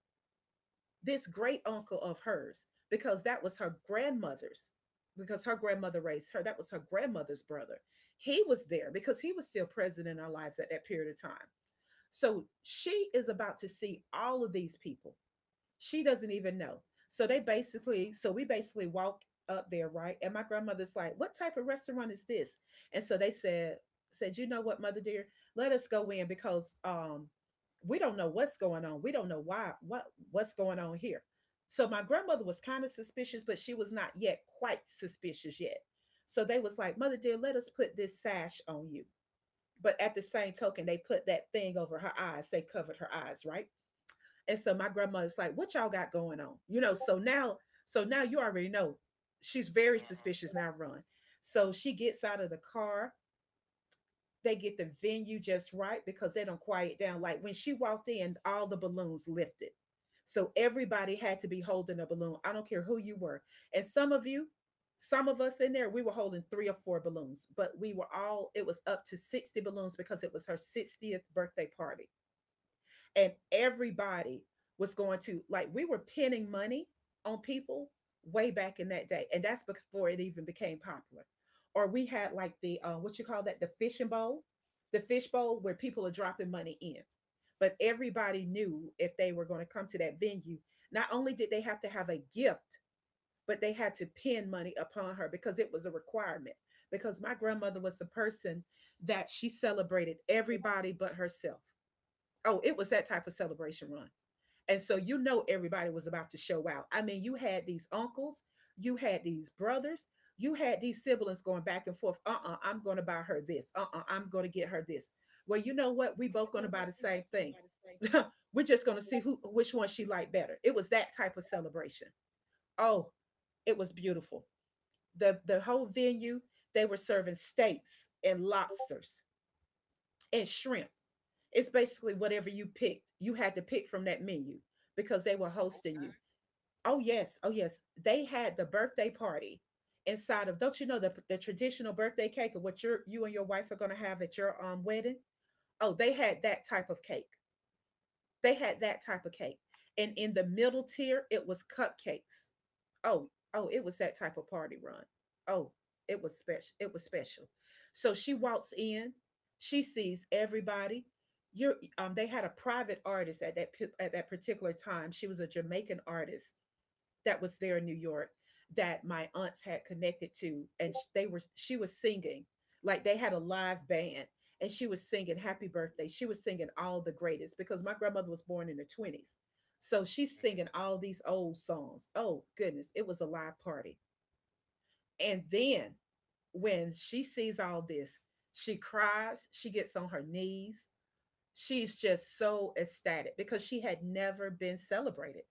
[SPEAKER 1] this great uncle of hers, because that was her grandmother's, because her grandmother raised her, that was her grandmother's brother. He was there because he was still present in our lives at that period of time. So she is about to see all of these people she doesn't even know. So they basically, so we basically walked up there, right? And my grandmother's like, "What type of restaurant is this?" And so they said, You know what, mother dear, let us go in because we don't know what's going on. We don't know why what's going on here." So my grandmother was kind of suspicious, but she was not yet quite suspicious yet. So they was like, "Mother dear, let us put this sash on you." But at the same token, they put that thing over her eyes. They covered her eyes, right? And so my grandmother's like, "What y'all got going on?" You know. So now you already know she's very suspicious.
[SPEAKER 2] Uh-huh,
[SPEAKER 1] Now, run. So she gets out of the car. They get the venue just right because they don't quiet down. Like when she walked in, all the balloons lifted. So everybody had to be holding a balloon. I don't care who you were. And some of you, some of us in there, we were holding three or four balloons, but we were all, it was up to 60 balloons because it was her 60th birthday party, and everybody was going to, like, we were pinning money on people way back in that day, and that's before it even became popular. Or we had like the what you call that, the fishing bowl, the fish bowl, where people are dropping money in. But everybody knew if they were going to come to that venue, not only did they have to have a gift, but they had to pin money upon her because it was a requirement, because my
[SPEAKER 2] uh-huh.
[SPEAKER 1] grandmother was the person that she celebrated everybody but herself. Oh, it was that type of celebration, run. And so you know everybody was about to show out. I mean, you had these uncles, you had these brothers, you had these siblings going back and forth. Uh-uh, I'm gonna buy her this. Uh-uh, I'm gonna get her this. Well, you
[SPEAKER 2] Yes.
[SPEAKER 1] know what? We
[SPEAKER 2] But you
[SPEAKER 1] both
[SPEAKER 2] know
[SPEAKER 1] gonna buy
[SPEAKER 2] what?
[SPEAKER 1] the
[SPEAKER 2] We both
[SPEAKER 1] same
[SPEAKER 2] want to
[SPEAKER 1] thing.
[SPEAKER 2] buy the same.
[SPEAKER 1] *laughs* We're just gonna see who which one she liked better. It was that type of celebration. Oh, it was beautiful. The whole venue, they were serving steaks and lobsters and shrimp. It's basically whatever you picked, you had to pick from that menu because they were hosting you. Oh, yes. Oh, yes. They had the birthday party inside of, don't you know, the traditional birthday cake of what you and your wife are going to have at your wedding? Oh, they had that type of cake. They had that type of cake. And in the middle tier, it was cupcakes. Oh, oh, it was that type of party, run. Oh, it was special. It was special. So she walks in, she sees everybody. You're they had a private artist at that particular time. She was a Jamaican artist that was there in New York that my aunts had connected to, and they were she was singing, like they had a live band, and she was singing Happy Birthday. She was singing all the greatest because my grandmother was born in the 20s, so she's
[SPEAKER 2] Mhm.
[SPEAKER 1] singing all these old songs. Oh goodness, it was a live party. And then when she sees all this, she cries. She gets on her knees. She's just so ecstatic because she had never been celebrated,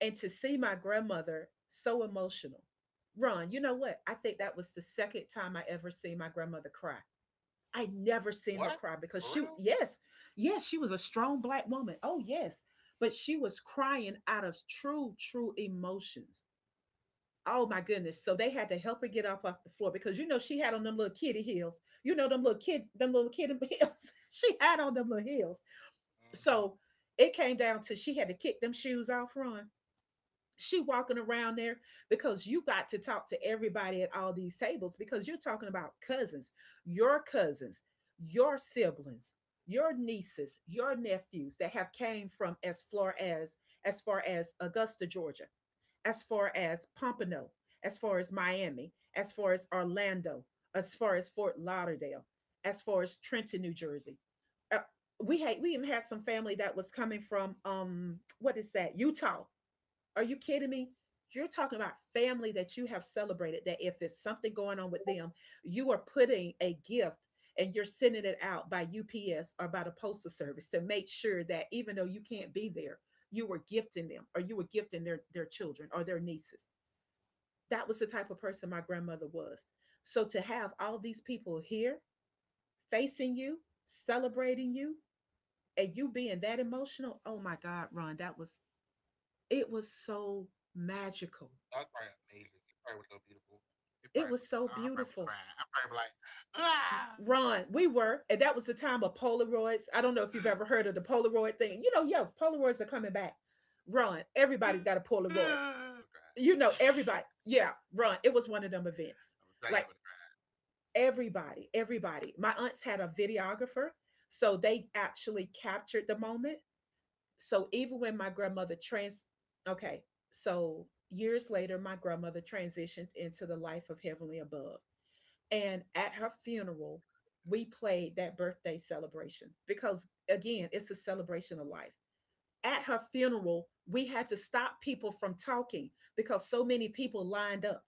[SPEAKER 1] and to see my grandmother so emotional. Ron, you know what? I think that was the second time I ever seen my grandmother cry. I never seen her
[SPEAKER 2] What?
[SPEAKER 1] cry
[SPEAKER 2] For
[SPEAKER 1] because she,
[SPEAKER 2] real?
[SPEAKER 1] yes, yes, she was a strong black woman. Oh, yes. But she was crying out of true, true emotions. Oh my goodness. So they had to help her get up off the floor because you know she had on them little kitty heels. You know them little kid them little kitty heels. *laughs* She had on them little heels.
[SPEAKER 2] Mm-hmm.
[SPEAKER 1] So it came down to she had to kick them shoes off, Ron, she walking around there because you got to talk to everybody at all these tables because you're talking about cousins, your cousins, your siblings, your nieces, your nephews that have came from as far as far as Augusta, Georgia, as far as Pompano, as far as Miami, as far as Orlando, as far as Fort Lauderdale, as far as Trenton, New Jersey. Uh, we even had some family that was coming from what is that, Utah? Are you kidding me? You're talking about family that you have celebrated, that if it's something going on with them, you are putting a gift and you're sending it out by UPS or by the postal service to make sure that even though you can't be there, you were gifting them or you were gifting their children or their nieces. That was the type of person my grandmother was. So to have all these people here, facing you, celebrating you, and you being that emotional, oh my God, Ron, that was, it was so
[SPEAKER 2] That's
[SPEAKER 1] magical.
[SPEAKER 2] probably amazing. It probably would look beautiful. It probably would.
[SPEAKER 1] It
[SPEAKER 2] I
[SPEAKER 1] was
[SPEAKER 2] probably
[SPEAKER 1] so
[SPEAKER 2] would cry. I
[SPEAKER 1] beautiful.
[SPEAKER 2] probably would like, ah, ah,
[SPEAKER 1] Ron, we were, and that was the time of Polaroids. I don't
[SPEAKER 2] ah.
[SPEAKER 1] know if you've
[SPEAKER 2] And I
[SPEAKER 1] ever
[SPEAKER 2] would have
[SPEAKER 1] heard of the
[SPEAKER 2] cried. And I would
[SPEAKER 1] Polaroid
[SPEAKER 2] have
[SPEAKER 1] thing.
[SPEAKER 2] cried.
[SPEAKER 1] You know,
[SPEAKER 2] I
[SPEAKER 1] yo,
[SPEAKER 2] would have cried.
[SPEAKER 1] Polaroids are coming back. Ron, everybody's got a Polaroid.
[SPEAKER 2] I would tell I
[SPEAKER 1] You
[SPEAKER 2] would have
[SPEAKER 1] know,
[SPEAKER 2] cried.
[SPEAKER 1] everybody. Yeah, Ron, it was one of them events. Like everybody, everybody. My aunts had a videographer, so they actually captured the moment. So even when my grandmother trans, okay, so years later, my grandmother transitioned into the life of Heavenly Above. And at her funeral, we played that birthday celebration because, again, it's a celebration of life. At her funeral, we had to stop people from talking because so many people lined up.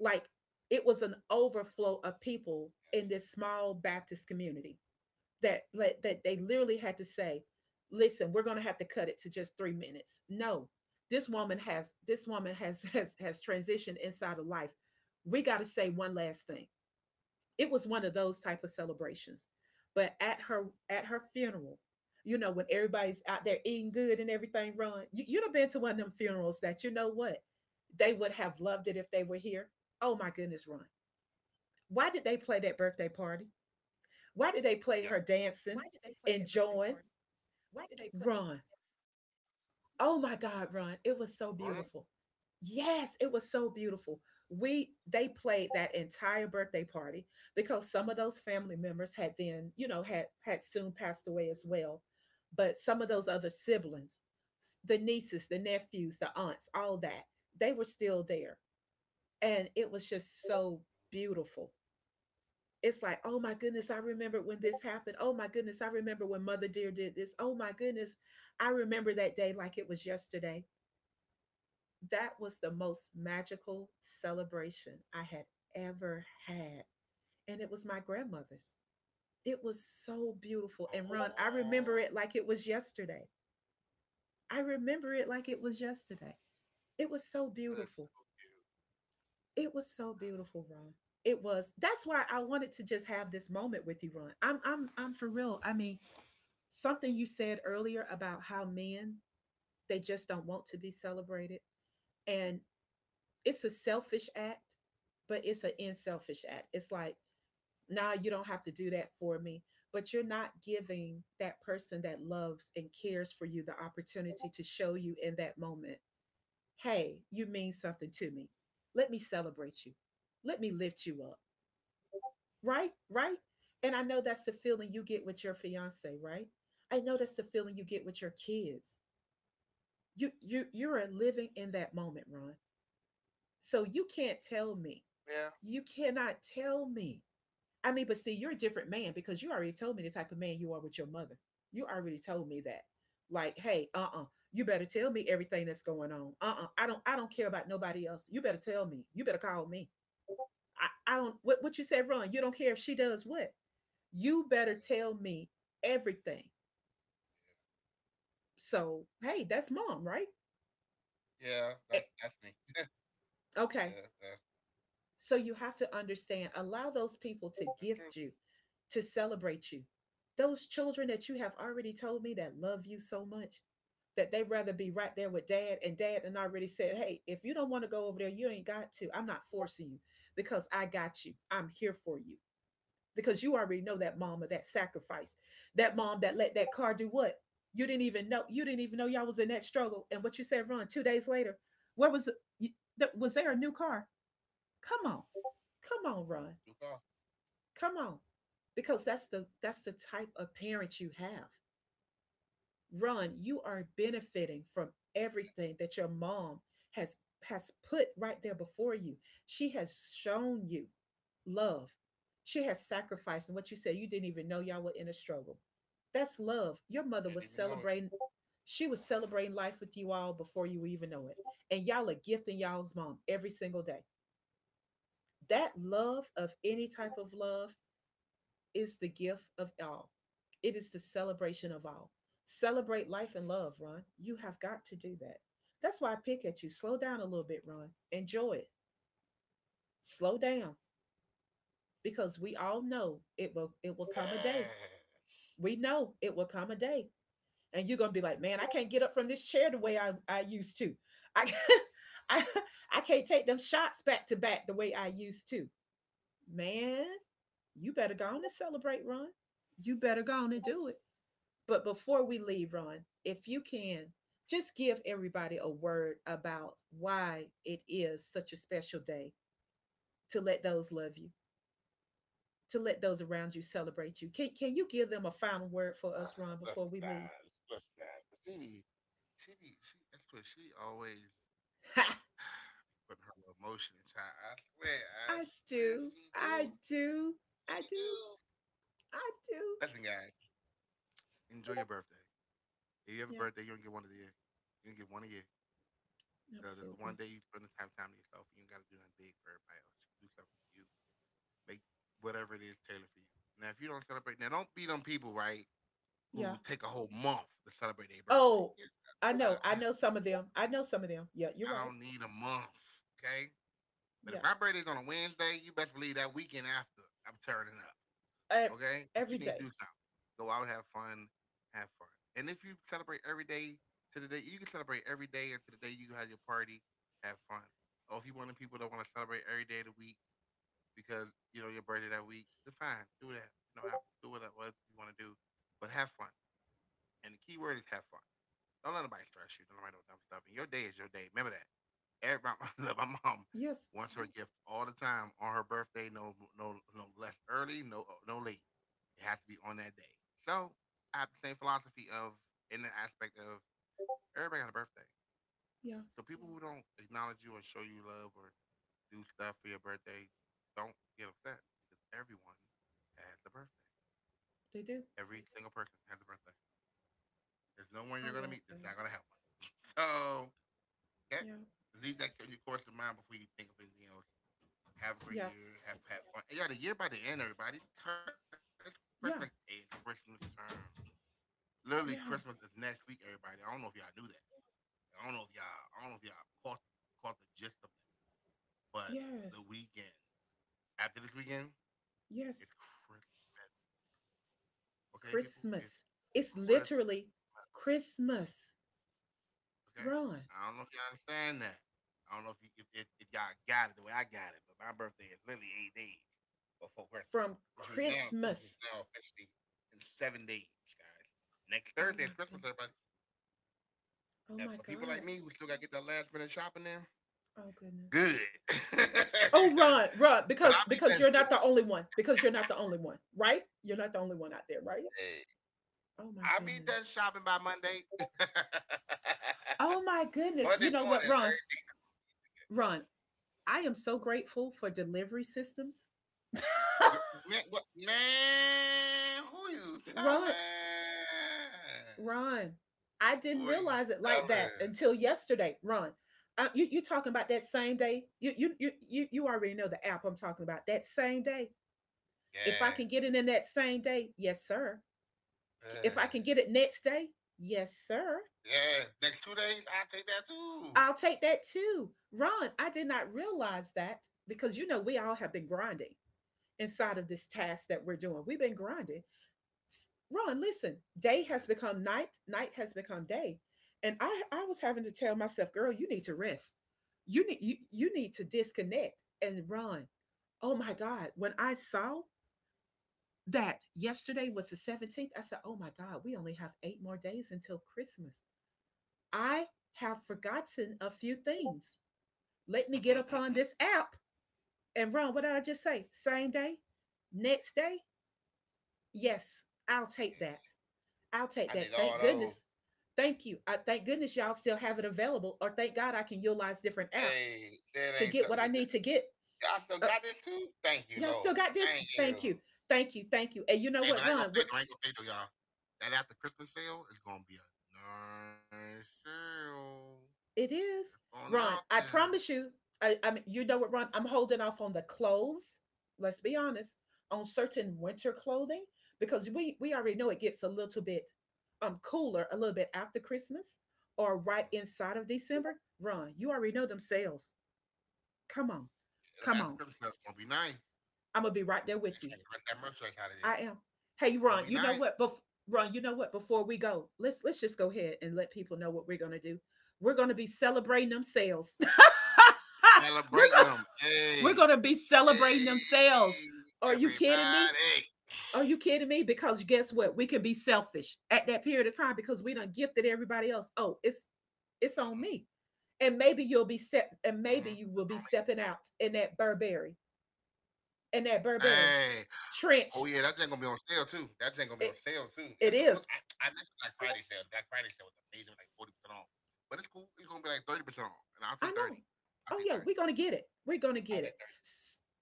[SPEAKER 1] Like it was an overflow of people in this small Baptist community that they literally had to say, "Listen, we're going to have to cut it to just 3 minutes." No, this woman has *laughs* has transitioned inside of life. We got to say one last thing. It was one of those type of celebrations. But at her funeral, you know, when everybody's out there eating good and everything run, you'd have been to one of them funerals that you know what? They would have loved it if they were here. Oh my goodness, Ron. Why did they play that birthday party?
[SPEAKER 2] Yeah. Why
[SPEAKER 1] Why
[SPEAKER 2] did
[SPEAKER 1] did
[SPEAKER 2] they
[SPEAKER 1] they
[SPEAKER 2] play
[SPEAKER 1] play
[SPEAKER 2] that
[SPEAKER 1] her
[SPEAKER 2] birthday party?
[SPEAKER 1] dancing,
[SPEAKER 2] Why did they play?
[SPEAKER 1] enjoying? Ron, oh my
[SPEAKER 2] For real?
[SPEAKER 1] God, Ron, it was so beautiful. Yes, it was so beautiful. We They played that entire birthday party because some of those family members had then, you know, had soon passed away as well. But some of those other siblings, the nieces, the nephews, the aunts, all that, they were still there. And it was just so beautiful. It's like, oh my goodness, I remember when this happened. Oh my goodness, I remember when Mother Dear did this. Oh my goodness, I remember that day like it was yesterday. That was the most magical celebration I had ever had. And it was my grandmother's. It was so beautiful.
[SPEAKER 2] Aw,
[SPEAKER 1] And Ron, I remember it like it was yesterday. I remember it like it was yesterday.
[SPEAKER 2] that's
[SPEAKER 1] It was
[SPEAKER 2] so
[SPEAKER 1] so
[SPEAKER 2] cute.
[SPEAKER 1] beautiful.
[SPEAKER 2] That's
[SPEAKER 1] It was so
[SPEAKER 2] so
[SPEAKER 1] beautiful, Ron. It was. That's why
[SPEAKER 2] cute.
[SPEAKER 1] I wanted to
[SPEAKER 2] That's
[SPEAKER 1] just have this moment with you, Ron. I'm for real. I mean, something you said earlier about how men, they just don't want to be celebrated. And it's a selfish act, but it's an unselfish act. It's like,
[SPEAKER 2] cute. I'm like,
[SPEAKER 1] nah, you don't have to do that for me. But you're not giving that person that loves and cares for you the opportunity to show you in that moment, hey, you mean something to me. Let me celebrate you. Let me lift you up. Right? Right? And I know that's the feeling you get with your fiance,
[SPEAKER 2] mm-hmm.
[SPEAKER 1] right? I know that's the feeling you get with your kids. You are living in that moment, Ron. So you
[SPEAKER 2] Yeah.
[SPEAKER 1] can't tell me. You cannot tell me. I mean, but see, you're a different man because you already told me the type of man you are with your mother. You already told me that. Like, hey, uh-uh, you better tell me everything that's going on. Uh-uh, I don't care about nobody else. You better tell me. You better call me. I don't. What you said wrong. You don't care if she does
[SPEAKER 2] Yeah.
[SPEAKER 1] what. You better tell me everything. So, hey, that's
[SPEAKER 2] Yeah.
[SPEAKER 1] mom,
[SPEAKER 2] Yeah.
[SPEAKER 1] right?
[SPEAKER 2] That's me.
[SPEAKER 1] Eh,
[SPEAKER 2] Yeah.
[SPEAKER 1] okay, so you have to understand,
[SPEAKER 2] That's true.
[SPEAKER 1] allow those people to gift you, to celebrate you. Those children that you have already told me that love you so much that they'd rather be right there with dad and already said, hey, if you don't want to go over there, you ain't got to. I'm not forcing you because I got you. I'm here for you. Because you already know that mom of that sacrifice, that mom that let that car do what? You didn't even know. You didn't even know y'all was in that struggle. And what you said, Ron, 2 days later, where was you- was there a new car? Come on. Come on,
[SPEAKER 2] You
[SPEAKER 1] run.
[SPEAKER 2] call.
[SPEAKER 1] Come on. Because that's the type of parent you have. Run, you are benefiting from everything that your mom has has put right there before you. She has shown you love. She has sacrificed, and what you said, you didn't even know y'all were in a struggle. That's love.
[SPEAKER 2] Didn't
[SPEAKER 1] Your
[SPEAKER 2] even
[SPEAKER 1] mother
[SPEAKER 2] know it.
[SPEAKER 1] was celebrating, she was celebrating life with you all before you even know it. And y'all are gifting y'all's mom every single day. That love of any type of love is the gift of all. It is the celebration of all. Celebrate life and love, Ron. You have got to do that. That's why I pick at you. Slow down a little bit, Ron. Enjoy it. Slow down
[SPEAKER 2] I don't even be
[SPEAKER 1] because we
[SPEAKER 2] moving
[SPEAKER 1] all
[SPEAKER 2] that
[SPEAKER 1] know it
[SPEAKER 2] fast.
[SPEAKER 1] will come a day. We know it will come a day. And you're gonna be like, man, I can't get up from this chair the way I used to. I, *laughs* I I can't take them shots back to back the way I used to. Man, you better go on and celebrate, Ron. You better go on and do it. But before we leave, Ron, if you can, just give everybody a word about why it is such a special day to let those love you, to let those around you celebrate you. Can you give them a
[SPEAKER 2] *sighs*
[SPEAKER 1] final
[SPEAKER 2] Let's
[SPEAKER 1] word for us,
[SPEAKER 2] guys,
[SPEAKER 1] Ron,
[SPEAKER 2] let
[SPEAKER 1] before we
[SPEAKER 2] guys.
[SPEAKER 1] leave? *laughs*
[SPEAKER 2] She be, she. That's what she always be
[SPEAKER 1] Ha!
[SPEAKER 2] putting her little motion inside. I swear,
[SPEAKER 1] I
[SPEAKER 2] she do,
[SPEAKER 1] do. I
[SPEAKER 2] she
[SPEAKER 1] do.
[SPEAKER 2] do.
[SPEAKER 1] I do. I
[SPEAKER 2] Listen,
[SPEAKER 1] do.
[SPEAKER 2] guys, enjoy your birthday. If you have a birthday, you
[SPEAKER 1] Yeah,
[SPEAKER 2] don't get one of the year. You don't get one a year. That's the one day
[SPEAKER 1] absolutely.
[SPEAKER 2] you spend the time to yourself. You ain't got to do nothing big for everybody else. You do something for you. Make whatever it is tailored for you. Now, if you don't celebrate, now don't be them people, right? Who
[SPEAKER 1] Yeah.
[SPEAKER 2] take a whole month to celebrate their birthday.
[SPEAKER 1] Oh,
[SPEAKER 2] Yeah,
[SPEAKER 1] I know.
[SPEAKER 2] *laughs* uh,
[SPEAKER 1] I know some of them. I know some of them. Yeah, you're
[SPEAKER 2] I
[SPEAKER 1] right.
[SPEAKER 2] don't need a month, okay? But if
[SPEAKER 1] Yeah.
[SPEAKER 2] my birthday's on a Wednesday, you best believe that weekend after I'm turning up,
[SPEAKER 1] Uh,
[SPEAKER 2] okay? But
[SPEAKER 1] every
[SPEAKER 2] you need to
[SPEAKER 1] day.
[SPEAKER 2] do something. Go out, have fun. And if you celebrate every day to the day, you can celebrate every day until the day you have your party, have fun. Or if you want the people that want to celebrate every day of the week because you know your birthday that week, then fine, do that. You know, do whatever you want to do, but have fun. And the key word is have fun. Don't let nobody stress you. Don't nobody do dumb stuff. And your day is your day. Remember that. Everybody, *laughs* my mom
[SPEAKER 1] Yes.
[SPEAKER 2] wants her gift all the time on her birthday. No, no, no less early. No, no late. It has to be on that day. So I have the same philosophy of in the aspect of everybody got a birthday.
[SPEAKER 1] Yeah,
[SPEAKER 2] So people who don't acknowledge you or show you love or do stuff for your birthday, don't get upset because everyone has a birthday.
[SPEAKER 1] they do.
[SPEAKER 2] Every single person has a birthday. There's no one
[SPEAKER 1] I
[SPEAKER 2] you're gonna
[SPEAKER 1] like
[SPEAKER 2] meet
[SPEAKER 1] that.
[SPEAKER 2] that's not gonna have one. *laughs* So yeah.
[SPEAKER 1] Yeah,
[SPEAKER 2] Leave that journey course in mind before you think of anything else. Have a great
[SPEAKER 1] yeah,
[SPEAKER 2] year. Have fun. Yeah, the year by the end, everybody. It's Christmas. Hey, it's
[SPEAKER 1] yeah,
[SPEAKER 2] Christmas time. Literally, Christmas is next
[SPEAKER 1] yeah,
[SPEAKER 2] week, everybody. I don't know if y'all knew that. I don't know if y'all caught the gist of that. But the
[SPEAKER 1] yes,
[SPEAKER 2] weekend after this weekend, it's
[SPEAKER 1] yes.
[SPEAKER 2] Christmas. Okay, people, it's
[SPEAKER 1] Christmas. It's
[SPEAKER 2] Christmas.
[SPEAKER 1] literally Christmas.
[SPEAKER 2] Okay,
[SPEAKER 1] Run
[SPEAKER 2] I don't know if y'all understand that. I don't know if you, if y'all got it the way I got it, but my birthday is literally 8 days before Christmas,
[SPEAKER 1] from
[SPEAKER 2] which means now Christmas is
[SPEAKER 1] Christmas.
[SPEAKER 2] now officially in 7 days, guys. Next
[SPEAKER 1] Oh
[SPEAKER 2] Thursday is
[SPEAKER 1] my
[SPEAKER 2] Christmas,
[SPEAKER 1] goodness.
[SPEAKER 2] everybody.
[SPEAKER 1] Oh
[SPEAKER 2] And
[SPEAKER 1] my
[SPEAKER 2] for people like
[SPEAKER 1] God.
[SPEAKER 2] me who still got to get that last minute shopping in,
[SPEAKER 1] Oh goodness.
[SPEAKER 2] good. *laughs*
[SPEAKER 1] Oh run,
[SPEAKER 2] But
[SPEAKER 1] run,
[SPEAKER 2] I'll be done.
[SPEAKER 1] because you're not the only one. Because you're not the only one, right? You're not the only one out there, right? Oh
[SPEAKER 2] I'll be
[SPEAKER 1] my
[SPEAKER 2] done
[SPEAKER 1] goodness.
[SPEAKER 2] shopping by Monday.
[SPEAKER 1] Oh my
[SPEAKER 2] *laughs* Monday
[SPEAKER 1] goodness. You know
[SPEAKER 2] morning,
[SPEAKER 1] what?
[SPEAKER 2] eh?
[SPEAKER 1] Ron, Ron? I am so grateful for delivery systems.
[SPEAKER 2] Gir- Man, what, man, who you
[SPEAKER 1] *laughs*
[SPEAKER 2] telling?
[SPEAKER 1] Ron. Ron, I
[SPEAKER 2] Who
[SPEAKER 1] didn't
[SPEAKER 2] are you
[SPEAKER 1] realize it like that
[SPEAKER 2] telling?
[SPEAKER 1] until yesterday. Ron, you're talking about that same day. You already know the app I'm talking about. That same day. If I can
[SPEAKER 2] Yeah.
[SPEAKER 1] get it in that same day, yes, sir. If I can
[SPEAKER 2] Yeah.
[SPEAKER 1] get it next day, yes, sir.
[SPEAKER 2] Yeah. Next 2 days, I'll take that
[SPEAKER 1] I'll
[SPEAKER 2] too.
[SPEAKER 1] take that too. Ron, I did not realize that because you know we all have been grinding inside of this task that we're doing. We've been grinding. Ron, listen,
[SPEAKER 2] Yeah.
[SPEAKER 1] day has become night, night has become day. And I was having to tell myself, girl, you need to rest. You need to disconnect and run. Oh my God. When I saw that yesterday was the 17th, I said, oh my God, we only have 8 more days until Christmas. I have forgotten a few things. Let me get upon
[SPEAKER 2] Mm-mm-mm-mm.
[SPEAKER 1] this app and run. What did I just say? Same day? Next day? Yes, I'll take that.
[SPEAKER 2] Yeah.
[SPEAKER 1] I'll take
[SPEAKER 2] I need
[SPEAKER 1] that.
[SPEAKER 2] all
[SPEAKER 1] Thank
[SPEAKER 2] those.
[SPEAKER 1] goodness. Thank you. I thank goodness y'all still have it available, or thank God I can utilize different apps
[SPEAKER 2] Hey, that
[SPEAKER 1] to
[SPEAKER 2] ain't so.
[SPEAKER 1] get what I need to get.
[SPEAKER 2] Y'all still
[SPEAKER 1] Uh,
[SPEAKER 2] got this too? Thank you,
[SPEAKER 1] y'all still
[SPEAKER 2] Lord.
[SPEAKER 1] got this?
[SPEAKER 2] Thank you.
[SPEAKER 1] Thank you. Thank you. Thank you. And you know
[SPEAKER 2] Hey, but
[SPEAKER 1] what,
[SPEAKER 2] I ain't gonna
[SPEAKER 1] Ron? We're,
[SPEAKER 2] say though. I ain't gonna say though, y'all. That after Christmas sale is gonna be a nice sale.
[SPEAKER 1] it is.
[SPEAKER 2] Going it out
[SPEAKER 1] Ron, I
[SPEAKER 2] there.
[SPEAKER 1] promise you, I mean, you know what, Ron? I'm holding off on the clothes. Let's be honest, on certain winter clothing, because we already know it gets a little bit cooler a little bit after Christmas or right
[SPEAKER 2] Mhm.
[SPEAKER 1] inside of December. Ron, you already know them sales. Come on.
[SPEAKER 2] That
[SPEAKER 1] Come
[SPEAKER 2] After
[SPEAKER 1] on.
[SPEAKER 2] Christmas sale, is gonna be nice.
[SPEAKER 1] I'm gonna be right there with you.
[SPEAKER 2] Let that merchandise out of there.
[SPEAKER 1] I am.
[SPEAKER 2] It's
[SPEAKER 1] Hey,
[SPEAKER 2] gonna
[SPEAKER 1] Ron,
[SPEAKER 2] be
[SPEAKER 1] you know
[SPEAKER 2] nice.
[SPEAKER 1] what? Ron, you know what? Before we go, let's just go ahead and let people know what we're gonna do. We're gonna be celebrating them sales. *laughs* we're
[SPEAKER 2] Celebrating
[SPEAKER 1] gonna
[SPEAKER 2] them.
[SPEAKER 1] we're
[SPEAKER 2] Hey,
[SPEAKER 1] gonna be celebrating them sales.
[SPEAKER 2] hey,
[SPEAKER 1] Are you
[SPEAKER 2] everybody.
[SPEAKER 1] kidding me? Are you kidding me? Because guess what? We can be selfish at that period of time because we done gifted everybody else. Oh,
[SPEAKER 2] Mm-hmm.
[SPEAKER 1] it's on me. And maybe you'll be set
[SPEAKER 2] Mm-hmm.
[SPEAKER 1] and maybe you will be stepping out in that
[SPEAKER 2] Hey,
[SPEAKER 1] Burberry
[SPEAKER 2] oh yeah, that thing
[SPEAKER 1] trench.
[SPEAKER 2] gonna be on sale too. That thing gonna be on sale
[SPEAKER 1] Eh,
[SPEAKER 2] too. It was
[SPEAKER 1] it is.
[SPEAKER 2] I missed Black Friday sale. The Black Friday sale was amazing, like 40% off. But it's cool. It's gonna be like 30% off, and I'll take
[SPEAKER 1] I
[SPEAKER 2] thirty.
[SPEAKER 1] know.
[SPEAKER 2] I'll take
[SPEAKER 1] Oh yeah,
[SPEAKER 2] thirty.
[SPEAKER 1] we're gonna get it. We're gonna
[SPEAKER 2] I'll
[SPEAKER 1] get it.
[SPEAKER 2] take thirty.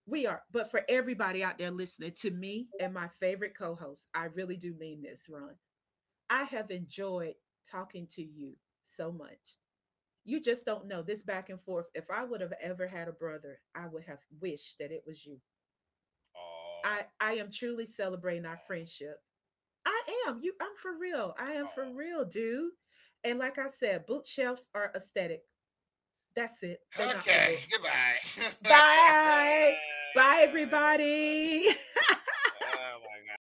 [SPEAKER 1] We are. But for everybody out there listening to me and my favorite co-host, I really do mean this, Ron. I have enjoyed talking to you so much. You just don't know this back and forth. If I would have ever had a brother, I would have wished that it was you.
[SPEAKER 2] Oh,
[SPEAKER 1] I am truly celebrating our
[SPEAKER 2] oh,
[SPEAKER 1] friendship. I am. You I'm for real. I am for real, dude. And like I said, boot shelves are aesthetic. That's it. They're
[SPEAKER 2] oh.
[SPEAKER 1] not for
[SPEAKER 2] Okay,
[SPEAKER 1] books.
[SPEAKER 2] goodbye.
[SPEAKER 1] Bye.
[SPEAKER 2] *laughs*
[SPEAKER 1] Bye,
[SPEAKER 2] Yeah, yeah.
[SPEAKER 1] everybody. *laughs*
[SPEAKER 2] Oh my god,